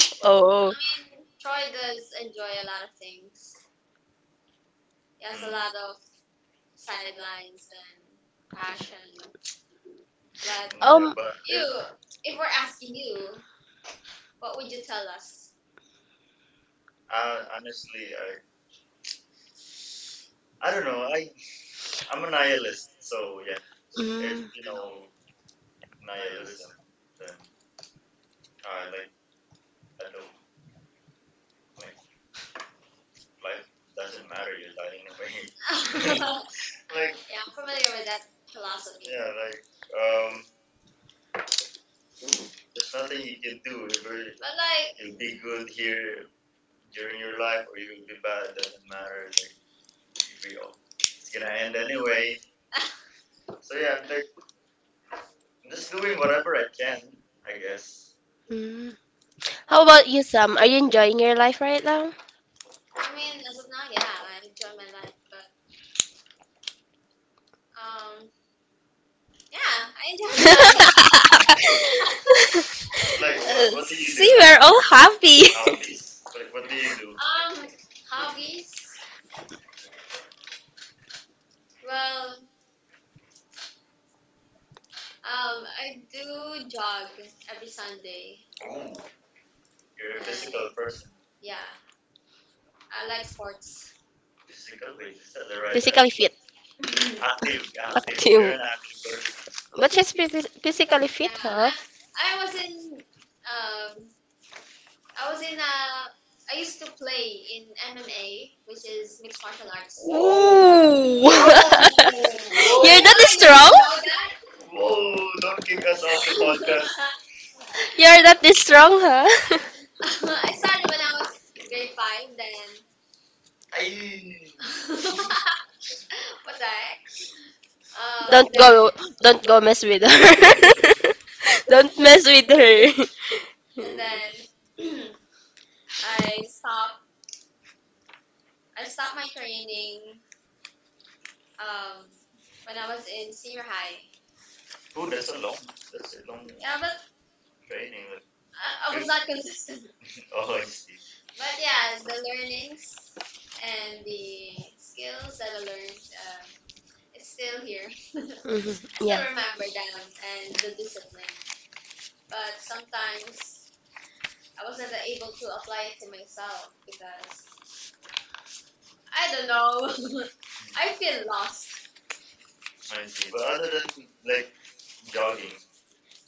Speaker 1: I, oh,
Speaker 2: Oh,
Speaker 1: mean, Troy does enjoy a lot of things. He has a, mm, lot of sidelines and passion. But yeah,
Speaker 2: um,
Speaker 1: but if, you, if we're asking you, what would you tell us? Honestly, I don't know. I'm a nihilist, so yeah. Mm. If
Speaker 2: mm,
Speaker 1: you know nihilism, then I like I don't. Like life doesn't matter. You die anyway. Like yeah, like I'm familiar with that philosophy. Yeah, like um, there's nothing you can do. Whether but like, you'll be good here during your life or you'll be bad, it doesn't matter. Like we all, it's gonna end anyway. So yeah, I'm like I'm just doing whatever I can. I guess.
Speaker 2: mm.
Speaker 1: How
Speaker 2: How
Speaker 1: about
Speaker 2: about
Speaker 1: you?
Speaker 2: you, Sam? Are you enjoying your life right now?
Speaker 1: I mean, as of now, yeah, I enjoy my life, but um, yeah, I enjoy my life. Like what do you do?
Speaker 2: See,
Speaker 1: Like
Speaker 2: we're all happy.
Speaker 1: hobbies? Like, what do you do? Um, hobbies? Well, I do jog every Sunday. You're a and physical person. Yeah, I like sports. Physical? Wait, is that the
Speaker 2: Physically fit.
Speaker 1: active, yeah, active. You're an active
Speaker 2: Active.
Speaker 1: person.
Speaker 2: But she's physically fit, huh?
Speaker 1: I was in um, I was in I used to play in MMA, which is mixed martial arts. Whoa,
Speaker 2: Ooh.
Speaker 1: whoa, wait,
Speaker 2: You're
Speaker 1: whoa,
Speaker 2: not
Speaker 1: what?
Speaker 2: this
Speaker 1: You
Speaker 2: strong?
Speaker 1: didn't know that? Whoa! Don't kick us off the podcast.
Speaker 2: You're not this strong, huh?
Speaker 1: I started when I was grade five. Then ay. What the heck? Then
Speaker 2: Don't
Speaker 1: go.
Speaker 2: go don't go mess with her. Don't mess with her.
Speaker 1: And
Speaker 2: Mhm.
Speaker 1: then I stopped. I stopped my training. Um, when I was in senior high. Oh, that's a long, yeah, but training. Like, I was not consistent. oh, I see. But yeah, the learnings and the skills that I learned is still here. still
Speaker 2: Yeah.
Speaker 1: remember them and the discipline. But sometimes I wasn't able to apply it to myself because I don't know. I feel lost. I see. But other than like jogging,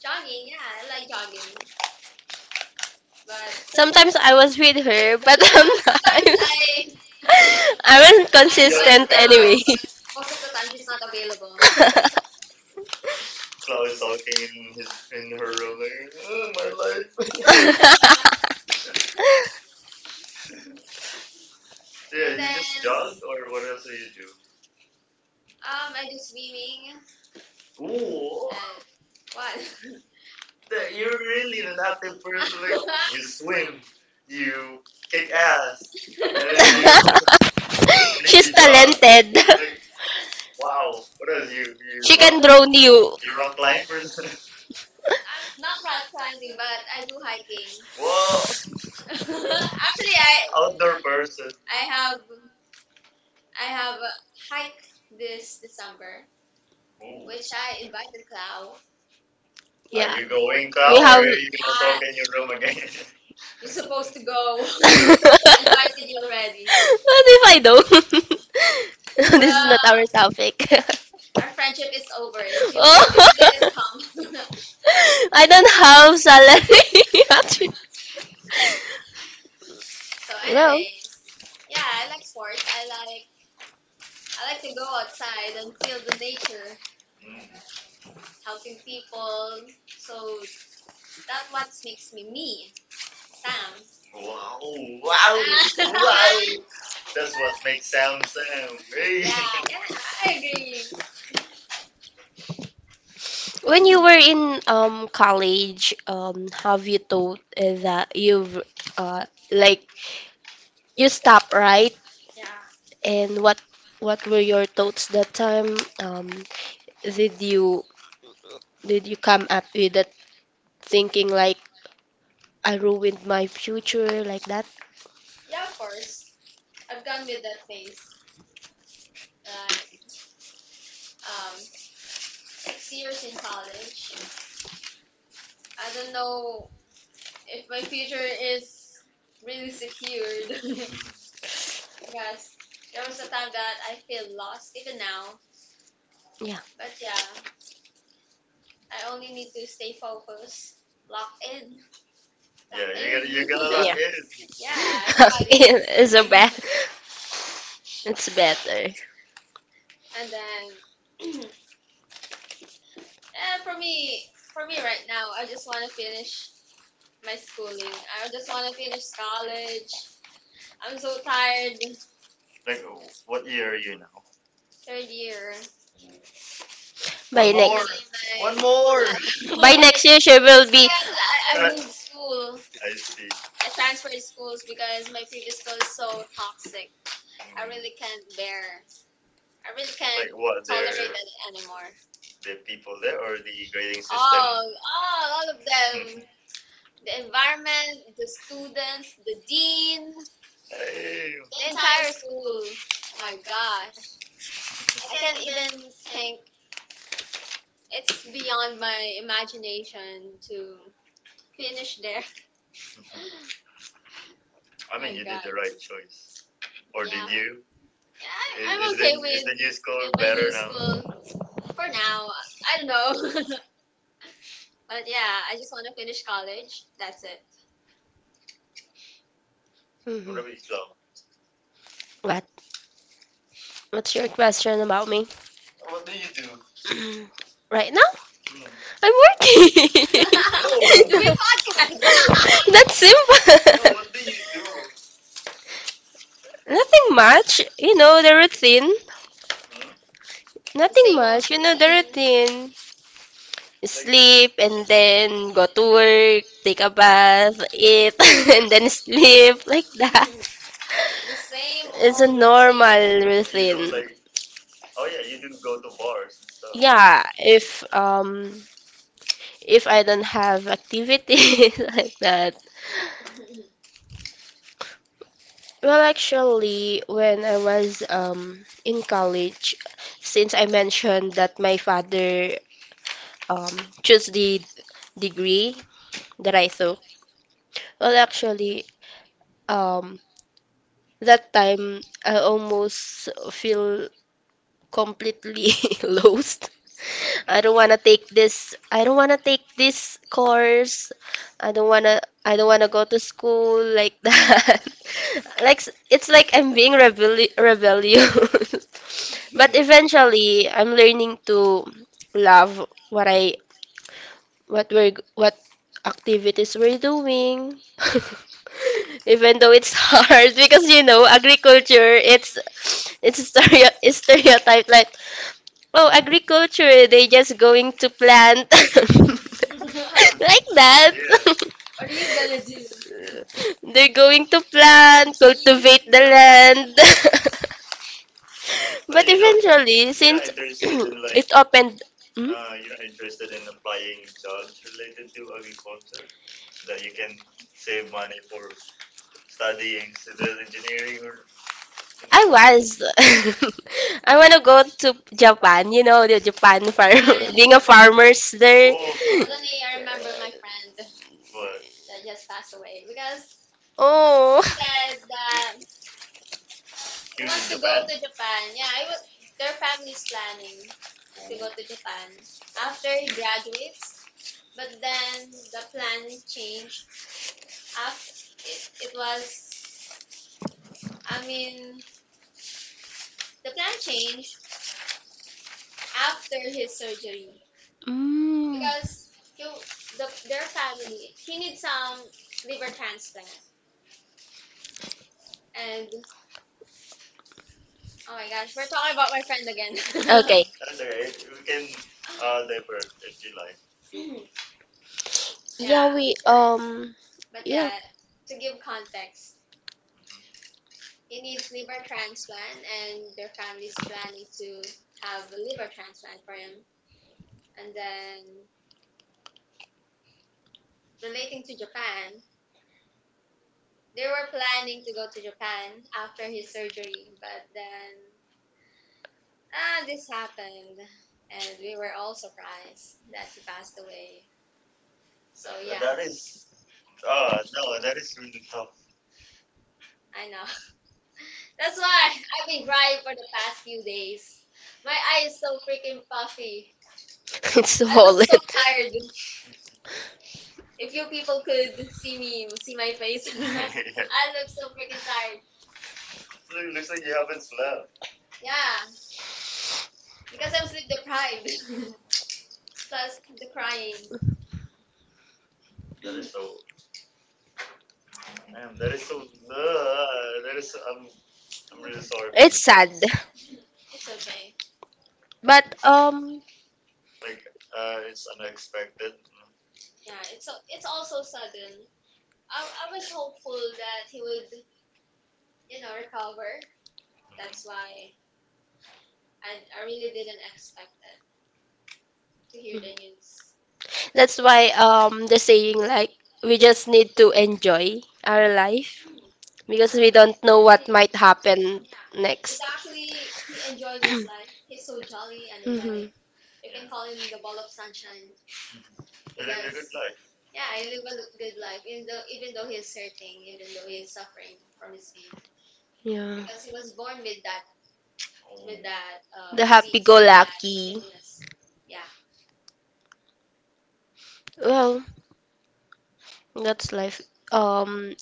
Speaker 1: jogging, yeah, I like jogging, but sometimes,
Speaker 2: Sometimes I was with her, but
Speaker 1: but sometimes I
Speaker 2: sometimes
Speaker 1: I
Speaker 2: I
Speaker 1: invite
Speaker 2: wasn't
Speaker 1: jogging
Speaker 2: consistent
Speaker 1: now,
Speaker 2: anyway.
Speaker 1: gathering. But most of the time she's not available. Cloud is talking in his in her room like, oh, my life. So yeah, and you then just jog or what else do you do? I do swimming. Ooh, what? You're really not the type of person. Like, you swim, you kick ass, and then you, and then you
Speaker 2: She's
Speaker 1: jog.
Speaker 2: talented.
Speaker 1: Like, wow, what else? You she you
Speaker 2: She
Speaker 1: can rock can
Speaker 2: can draw
Speaker 1: do.
Speaker 2: new.
Speaker 1: You rock climb, person. I'm not rock climbing, but I do hiking. Whoa, actually, I outdoor person. I have a hike this December, ooh. Which I invited Clau. Are
Speaker 2: Yeah.
Speaker 1: you going,
Speaker 2: We
Speaker 1: Cal, or no, are
Speaker 2: have.
Speaker 1: you gonna not. Sulk in your room again? You're supposed to go. Invited you already.
Speaker 2: What if I don't? This is not our
Speaker 1: Bruh.
Speaker 2: topic.
Speaker 1: Our friendship is over if
Speaker 2: Oh.
Speaker 1: you come.
Speaker 2: I don't have salary, actually.
Speaker 1: so
Speaker 2: Well,
Speaker 1: anyway, yeah, I like sports. I like to go outside and feel the nature, helping people. So that what makes me me, Sam. Wow, wow, that's what makes Sam Sam. Hey. Yeah, yeah, I agree.
Speaker 2: when you were in college, have you thought that you've uh like you stopped, right?
Speaker 1: Yeah,
Speaker 2: And what were your thoughts that time? Did you did you come up with that thinking like I ruined my future like that?
Speaker 1: yeah, of course. I've gone with that phase. Like, um, 6 years in college. I don't know if my future is really secured because there was a time that I feel lost even now.
Speaker 2: Yeah.
Speaker 1: But yeah, I only need to stay focused, lock in, lock yeah, you're gonna in. lock
Speaker 2: Yeah.
Speaker 1: in. Yeah, everybody.
Speaker 2: It's a bad. It's better.
Speaker 1: And then for me, right now, I just want to finish my schooling. I just want to finish college. I'm so tired. Like, what year are you now? Third year. One
Speaker 2: Bye
Speaker 1: more.
Speaker 2: next.
Speaker 1: One more. My
Speaker 2: By next
Speaker 1: next
Speaker 2: year, she
Speaker 1: because
Speaker 2: will be.
Speaker 1: I moved school. I see. I transferred schools because my previous school is so toxic. Mm. I really can't bear. I really like can't like what? Their tolerate their, it anymore. The people there or the grading system? Oh, all of them. the environment, the students, the dean, damn. The entire school. Oh my gosh. I can't even think. It's beyond my imagination to finish there. I mean, my you did god. The right choice. Or yeah. Did yeah. you? Yeah, I- I'm is okay the, okay is with the new school my better new now? School for now. I don't know. but yeah, I just want to finish college. That's it. I
Speaker 2: Mhm.
Speaker 1: gonna be strong.
Speaker 2: What? What's your question about me? Right now, I'm
Speaker 1: I'm working.
Speaker 2: working.
Speaker 1: No. Doing podcast.
Speaker 2: That's
Speaker 1: You.
Speaker 2: simple. Nothing much, the routine.
Speaker 1: Hmm? The
Speaker 2: Nothing
Speaker 1: same old
Speaker 2: much, the
Speaker 1: routine.
Speaker 2: routine. Sleep and then go to work, take a bath, eat, and then sleep, like that.
Speaker 1: The same
Speaker 2: It's a
Speaker 1: old routine.
Speaker 2: normal
Speaker 1: You do like,
Speaker 2: routine.
Speaker 1: oh yeah, you do go to bars and stuff.
Speaker 2: Yeah, if I don't have activities like that. Well, actually, when I was in college, since I mentioned that my father um chose the degree that I took, well, actually, um that time I almost feel completely lost. I don't want to take this. I don't want to take this course. I don't want to I don't want to go to school like that. It's like I'm being rebellious. But eventually, I'm learning to love what I what we're g- what activities we're doing. Even though it's hard, because, you know, agriculture, it's stereo it's stereotyped like, oh, agriculture, they just going to plant like that.
Speaker 1: What are you gonna do? So,
Speaker 2: They're going to plant, cultivate the land.
Speaker 1: but
Speaker 2: But
Speaker 1: you're
Speaker 2: eventually,
Speaker 1: not
Speaker 2: since
Speaker 1: interested in like
Speaker 2: it opened. Hmm?
Speaker 1: you're not interested in applying jobs related to agriculture that you can save money for studying civil engineering or
Speaker 2: I was. I want to go to Japan, you know, the Japan farm, being a farmer's there.
Speaker 1: suddenly I remember my friend but that just passed away because oh,
Speaker 2: Oh.
Speaker 1: he said that using want to go Japan? To Japan. Yeah, I was. Their family's planning to go, oh, to Japan after he graduates, but then the plan changed. After it, it was, I mean, the plan changed after his surgery
Speaker 2: Mm.
Speaker 1: because he, the, their family, he needs some liver transplant. And oh my gosh, we're talking about my friend again.
Speaker 2: Okay.
Speaker 1: okay. We can divert if you like.
Speaker 2: Yeah, we
Speaker 1: Yeah. But
Speaker 2: yeah.
Speaker 1: yeah, to give context, he needs liver transplant, and their family's planning to have a liver transplant for him. And then, relating to Japan, they were planning to go to Japan after his surgery, but then ah, this happened, and we were all surprised that he passed away. So yeah, that is, oh no, that is really tough. I know. That's why I've been crying for the past few days. My eye is so freaking puffy.
Speaker 2: It's
Speaker 1: I look
Speaker 2: swollen.
Speaker 1: so tired. If you people could see me, see my face, I look so freaking tired. It looks like you haven't slept. Yeah, because I'm sleep deprived. Plus the crying. That is so, ma'am. That is so. That is. I'm. I'm really sorry for you.
Speaker 2: It's sad.
Speaker 1: It's okay. But
Speaker 2: But
Speaker 1: like, it's unexpected. Yeah, it's so it's also sudden. I was hopeful that he would recover. Mhm. That's why I really didn't expect it to hear the news.
Speaker 2: that's why, the saying, like, we just need to enjoy our life, because we don't know what might happen
Speaker 1: It's
Speaker 2: next.
Speaker 1: actually, he enjoys his life. He's so jolly, energetic.
Speaker 2: Mhm.
Speaker 1: You can call him the ball of sunshine. He lived a good because, life. Yeah, he live a good life, even though he's hurting, even though he's suffering from his pain,
Speaker 2: Yeah.
Speaker 1: because he was born with that with that
Speaker 2: The
Speaker 1: disease, with that
Speaker 2: happy-go-lucky.
Speaker 1: illness. Yeah,
Speaker 2: Well, that's life. Um,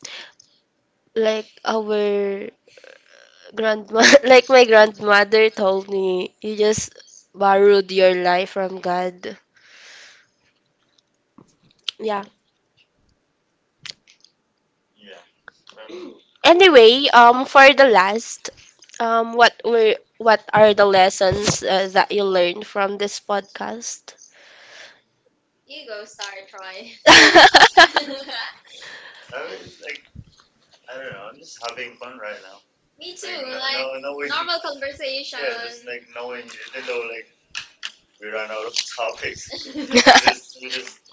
Speaker 2: like our grandma, like my grandmother told me, you just borrowed your life from God. Yeah.
Speaker 1: yeah. Um,
Speaker 2: Anyway, for the last, what are the lessons that you learned from this podcast?
Speaker 1: you go, Star Troy. I I don't know. I'm just having fun right now. Me too. Like, no, like no, knowing, normal conversation. Yeah, just like knowing, even though like we run out of topics, we we just,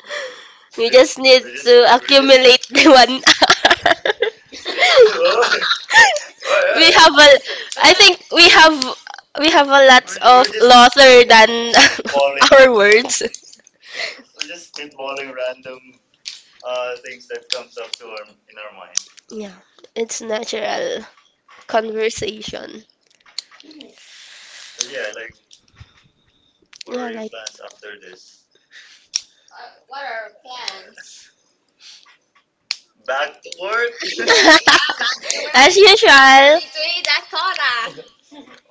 Speaker 2: You just need to accumulate the one hour.
Speaker 1: oh, yeah, yeah. We
Speaker 2: we have
Speaker 1: yeah.
Speaker 2: a I think we have a lot of louder than our words.
Speaker 1: We're just spitballing random things that comes up to our in our mind.
Speaker 2: Yeah, it's natural conversation.
Speaker 1: But yeah, like, what are
Speaker 2: Yeah, like
Speaker 1: plans after this? What are our plans? Back to work. yeah, back to
Speaker 2: as usual.
Speaker 1: aka that Kodak.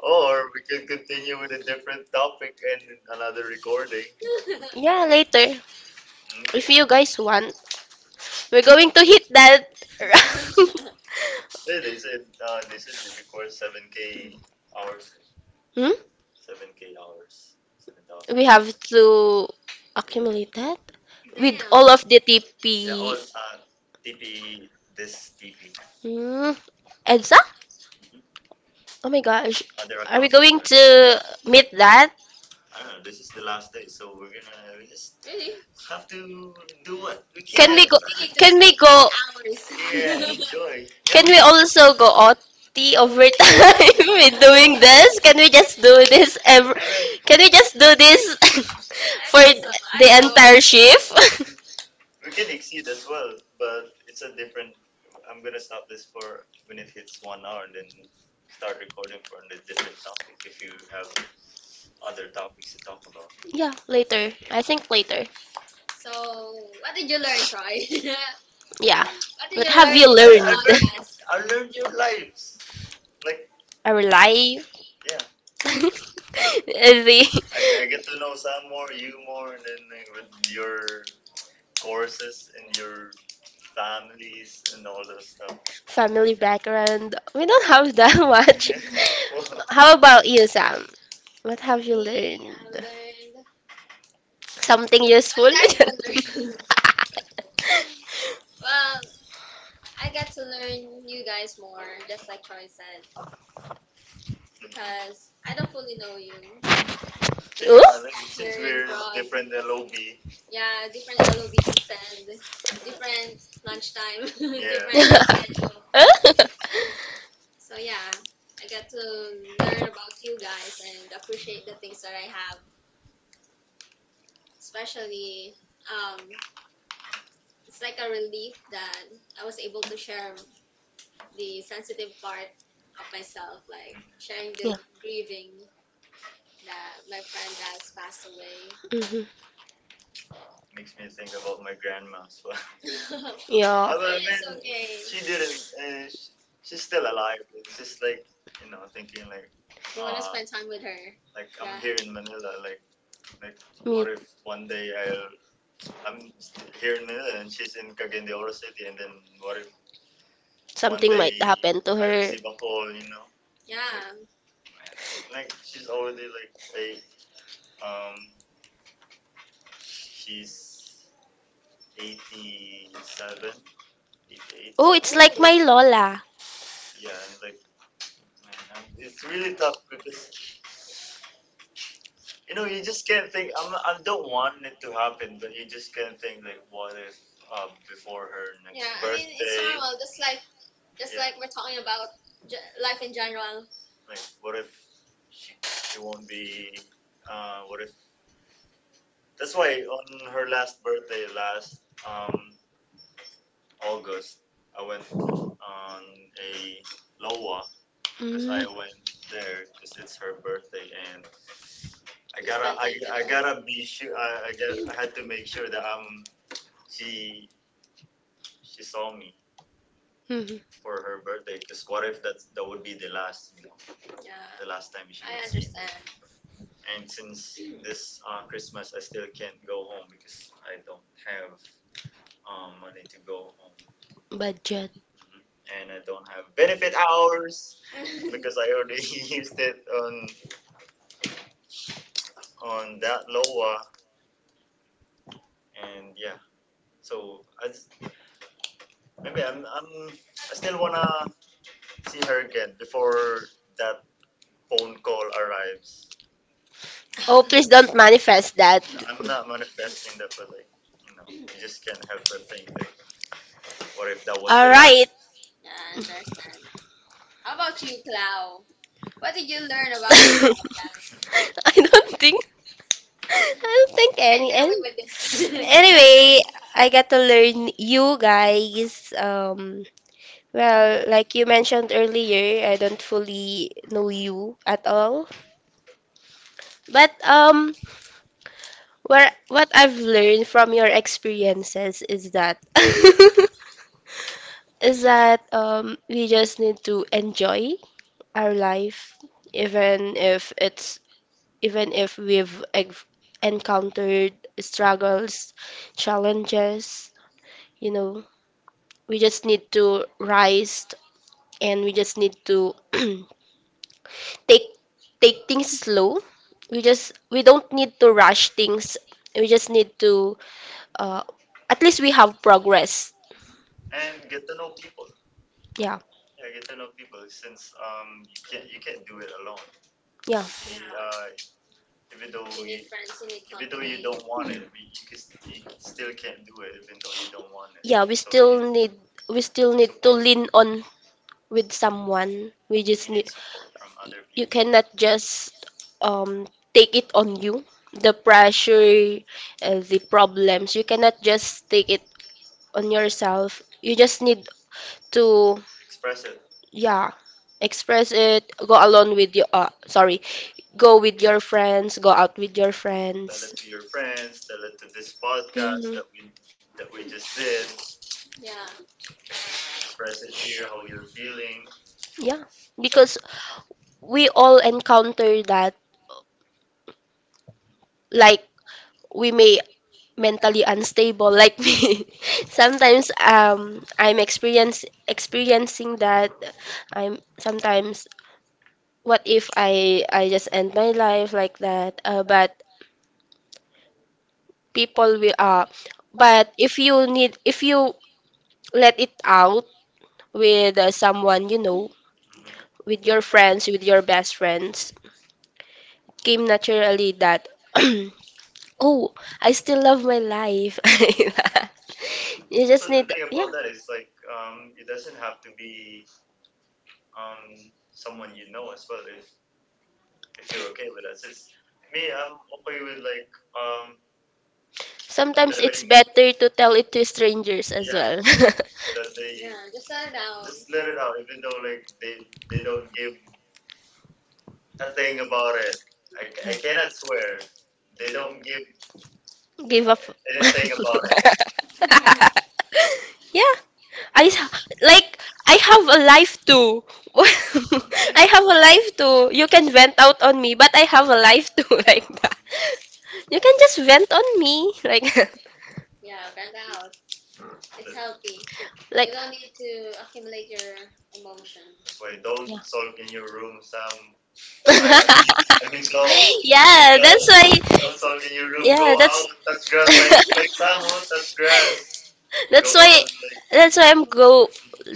Speaker 1: Or we can continue with a different topic and another recording.
Speaker 2: Yeah, later if you
Speaker 1: Okay.
Speaker 2: guys want, we're going to hit that.
Speaker 1: Say they said that you record seven k hours.
Speaker 2: Hmm?
Speaker 1: Seven k hours. Seven
Speaker 2: We
Speaker 1: thousand.
Speaker 2: have to accumulate that with all of the TP.
Speaker 1: Uh, TP this TP.
Speaker 2: Hmm. EDSA?
Speaker 1: Mhm.
Speaker 2: Oh my gosh. Are we
Speaker 1: Other-
Speaker 2: going to meet that?
Speaker 1: I don't know. This is the last day, so we just Really? Have to do what we So we,
Speaker 2: Can
Speaker 1: can.
Speaker 2: we go,
Speaker 1: We
Speaker 2: can
Speaker 1: need
Speaker 2: we
Speaker 1: eight
Speaker 2: go
Speaker 1: hours. Yeah, enjoy. Yeah,
Speaker 2: can we
Speaker 1: we.
Speaker 2: also go OT, over time, with doing this?
Speaker 1: I mean,
Speaker 2: Can we just do this for
Speaker 1: I
Speaker 2: the
Speaker 1: I know.
Speaker 2: entire shift?
Speaker 1: We can exceed as well, but it's a different. I'm gonna stop this for when it hits 1 hour, and then start recording for a different topic if you have other topics to talk about.
Speaker 2: Yeah, later. I think later.
Speaker 1: So, what did you learn, Troy? What did
Speaker 2: Yeah. What
Speaker 1: I
Speaker 2: have
Speaker 1: learned
Speaker 2: you learned?
Speaker 1: podcast? I learned your lives. Like
Speaker 2: Our life,
Speaker 1: yeah, like,
Speaker 2: the
Speaker 1: I get to know Sam more, you more, and then like, with your courses and your families and all those stuff.
Speaker 2: family background. We don't have that much. How about you, Sam? What have you
Speaker 1: I
Speaker 2: learned?
Speaker 1: learned
Speaker 2: Something useful?
Speaker 1: Nice better. Well, I get to learn you guys more, just like Troy said. Mhm. Because I don't fully know you. You're Since,
Speaker 2: Ooh?
Speaker 1: just like, come since hearing we're from different LOB, yeah, different LOVs and different lunchtime, yeah,
Speaker 2: Yeah.
Speaker 1: different
Speaker 2: Hmm,
Speaker 1: schedules. So yeah, I got to learn about you guys and appreciate the things that I have. Especially, um, it's like a relief that I was able to share the sensitive part of myself, like sharing the grieving that my friend that has passed away. Makes me think about my grandma as well. But
Speaker 2: yeah,
Speaker 1: although, I it's mean, okay, she didn't. Sh She's still alive. It's just like you know, thinking like, you want to spend time with her. Like I'm Yeah, here in Manila. Like what
Speaker 2: me.
Speaker 1: if one day I'll I'm st- here in Manila and she's in Cagayan de Oro City, and then what if
Speaker 2: Something might
Speaker 1: they
Speaker 2: happen to her.
Speaker 1: receive a call? You know, like yeah, man. Like she's already like eight. Um, she's 87, 88.
Speaker 2: Oh, it's like my Lola.
Speaker 1: Yeah, and like man, it's really tough because you know you just can't think. I'm I don't want it to happen, but you just can't think like what if before her next Yeah, I mean it's birthday? Normal. Just like just yeah, like we're talking about life in general. Like what if she won't be what if that's why on her last birthday last um August, I went on a Loa because I
Speaker 2: Mm-hmm.
Speaker 1: went there because it's her birthday, and I gotta be sure. I had to make sure that she, she saw me for her birthday. Because what if that would be the last, yeah, the yeah, last time she I would see me? Understand. And since this Christmas, I still can't go home because I don't have money to go home.
Speaker 2: Budget.
Speaker 1: And I don't have benefit hours because I already used it on that LOA and yeah. So I just, maybe I'm I still wanna see her again before that phone call arrives. You
Speaker 2: Oh,
Speaker 1: know, okay,
Speaker 2: please
Speaker 1: so-
Speaker 2: don't manifest that.
Speaker 1: I'm not manifesting that, but like you know, you just can't help but think. Like, what if that was
Speaker 2: All right.
Speaker 1: I understand. How about you, Clau? What did you learn about this topic?
Speaker 2: I don't think I don't think
Speaker 1: You can
Speaker 2: any.
Speaker 1: get away with this.
Speaker 2: Anyway, I got to learn you guys. Well, like you mentioned earlier, I don't fully know you at all. But where what I've learned from your experiences is that, is that we just need to enjoy our life, even if it's, even if we've ex- encountered struggles, challenges, you know, we just need to rise, and we just need to take take things slow. We don't need to rush things. We just need to, uh, at least we have progress.
Speaker 1: And get to know people.
Speaker 2: Yeah,
Speaker 1: I get to know people since you can't do it alone.
Speaker 2: yeah,
Speaker 1: Uh, even though you need you friends, you need even though you company, don't want it, but you can, you still can't do it even though you don't want it.
Speaker 2: yeah, we still need to lean on with someone. We just need,
Speaker 1: Need support from other,
Speaker 2: you cannot just um take it on you. The pressure, the problems, you cannot just take it on yourself. You just need to,
Speaker 1: express it, tell
Speaker 2: yeah, express it. Go alone with your, sorry, go with your friends. Go out with your friends.
Speaker 1: it to your friends, tell it to this podcast
Speaker 2: Mhm.
Speaker 1: that we just did. Yeah. Express it here how you're feeling.
Speaker 2: Yeah, because we all encounter that. Like we may mentally unstable like me, sometimes. I'm experience experiencing that. I'm sometimes, what if I just end my life like that. But people will but if you let it out with, someone you know,
Speaker 1: Mhm.
Speaker 2: with your friends, with your best friends, came naturally that oh, I still love my life. You just
Speaker 1: The
Speaker 2: need.
Speaker 1: thing
Speaker 2: Yeah.
Speaker 1: about that is like it doesn't have to be um someone you know as well, if you're okay with that. Since me, I'm okay with like um
Speaker 2: Sometimes it's better to tell it to strangers as well.
Speaker 1: so that they yeah, just let it out, just let it out, even though like they don't give a thing about it. I cannot swear they don't give
Speaker 2: Give up.
Speaker 1: anything about it.
Speaker 2: Yeah, like I have a life too. I have a life too. You can vent out on me, but I have a life too like that. You can just vent on me, like
Speaker 1: Yeah, vent out. It's healthy.
Speaker 2: like
Speaker 1: Don't need to accumulate your emotion. That's why don't sulk in
Speaker 2: yeah.
Speaker 1: your room, Sam. I mean, Glow,
Speaker 2: Yeah,
Speaker 1: Glow,
Speaker 2: that's why.
Speaker 1: don't sulk in your room.
Speaker 2: Yeah,
Speaker 1: Go
Speaker 2: that's
Speaker 1: out, touch grass. Like Sam, oh, touch grass.
Speaker 2: that's why that's why I'm go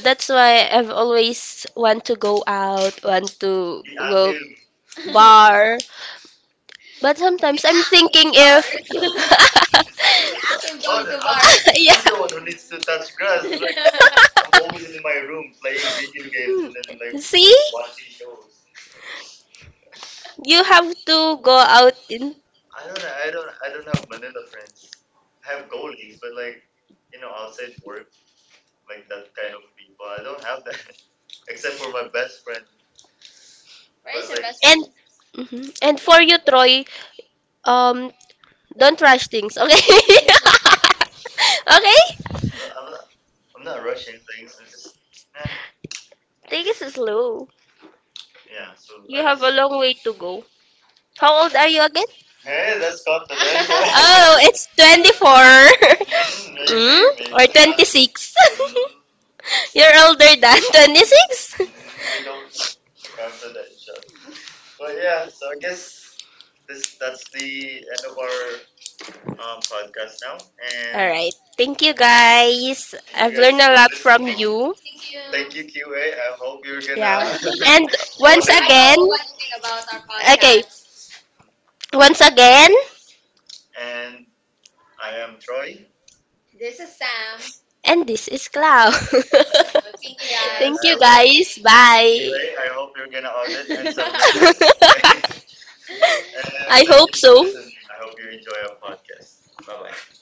Speaker 2: that's why I've always want to go out, want to
Speaker 1: Be
Speaker 2: go
Speaker 1: active.
Speaker 2: bar. But sometimes
Speaker 1: It's
Speaker 2: I'm
Speaker 1: active
Speaker 2: thinking
Speaker 1: with
Speaker 2: if.
Speaker 1: bar. Just ask him oh, going no, to I'm, bars.
Speaker 2: Yeah.
Speaker 1: I'm the one who needs to touch grass. Like, I'm always in my room playing video games and then
Speaker 2: Hmm.
Speaker 1: like
Speaker 2: See?
Speaker 1: watching shows.
Speaker 2: You have to go out in,
Speaker 1: I don't have Manila friends. I have colleagues, but like you know outside work, like that kind of people, I don't have that except for my best friend. Where's but your like best
Speaker 2: and
Speaker 1: friend?
Speaker 2: mhm, and for you Troy, um don't rush things, okay? Okay?
Speaker 1: I'm not, I'm not rushing things. I'm just eh,
Speaker 2: Take it slow. Yeah,
Speaker 1: yeah. So
Speaker 2: so, You have a that's long way to go. How old are you again?
Speaker 1: hey, that's confidential.
Speaker 2: Oh, it's 24.
Speaker 1: Mm,
Speaker 2: Very
Speaker 1: maybe
Speaker 2: good, or
Speaker 1: maybe
Speaker 2: good, 26.
Speaker 1: mm,
Speaker 2: You're older than 26. All
Speaker 1: we
Speaker 2: right.
Speaker 1: don't know. Confidential. But yeah, so I guess this that's the end of our podcast now. And
Speaker 2: Thank you guys. I've learned a lot from
Speaker 1: Thank
Speaker 2: you.
Speaker 1: you. thank you, QA. I hope you're gonna
Speaker 2: Yeah.
Speaker 1: audit.
Speaker 2: And
Speaker 1: Don't
Speaker 2: once
Speaker 1: know
Speaker 2: again,
Speaker 1: what you think about our,
Speaker 2: okay, once again,
Speaker 1: and I am Troy. This is Sam.
Speaker 2: and this is Cloud.
Speaker 1: But thank you guys. And
Speaker 2: Thank
Speaker 1: I
Speaker 2: you
Speaker 1: for hope- listening.
Speaker 2: guys. Okay, bye.
Speaker 1: QA, hope you're gonna audit and submit this. And
Speaker 2: I hope so.
Speaker 1: listening. I hope you enjoy our podcast. Bye bye.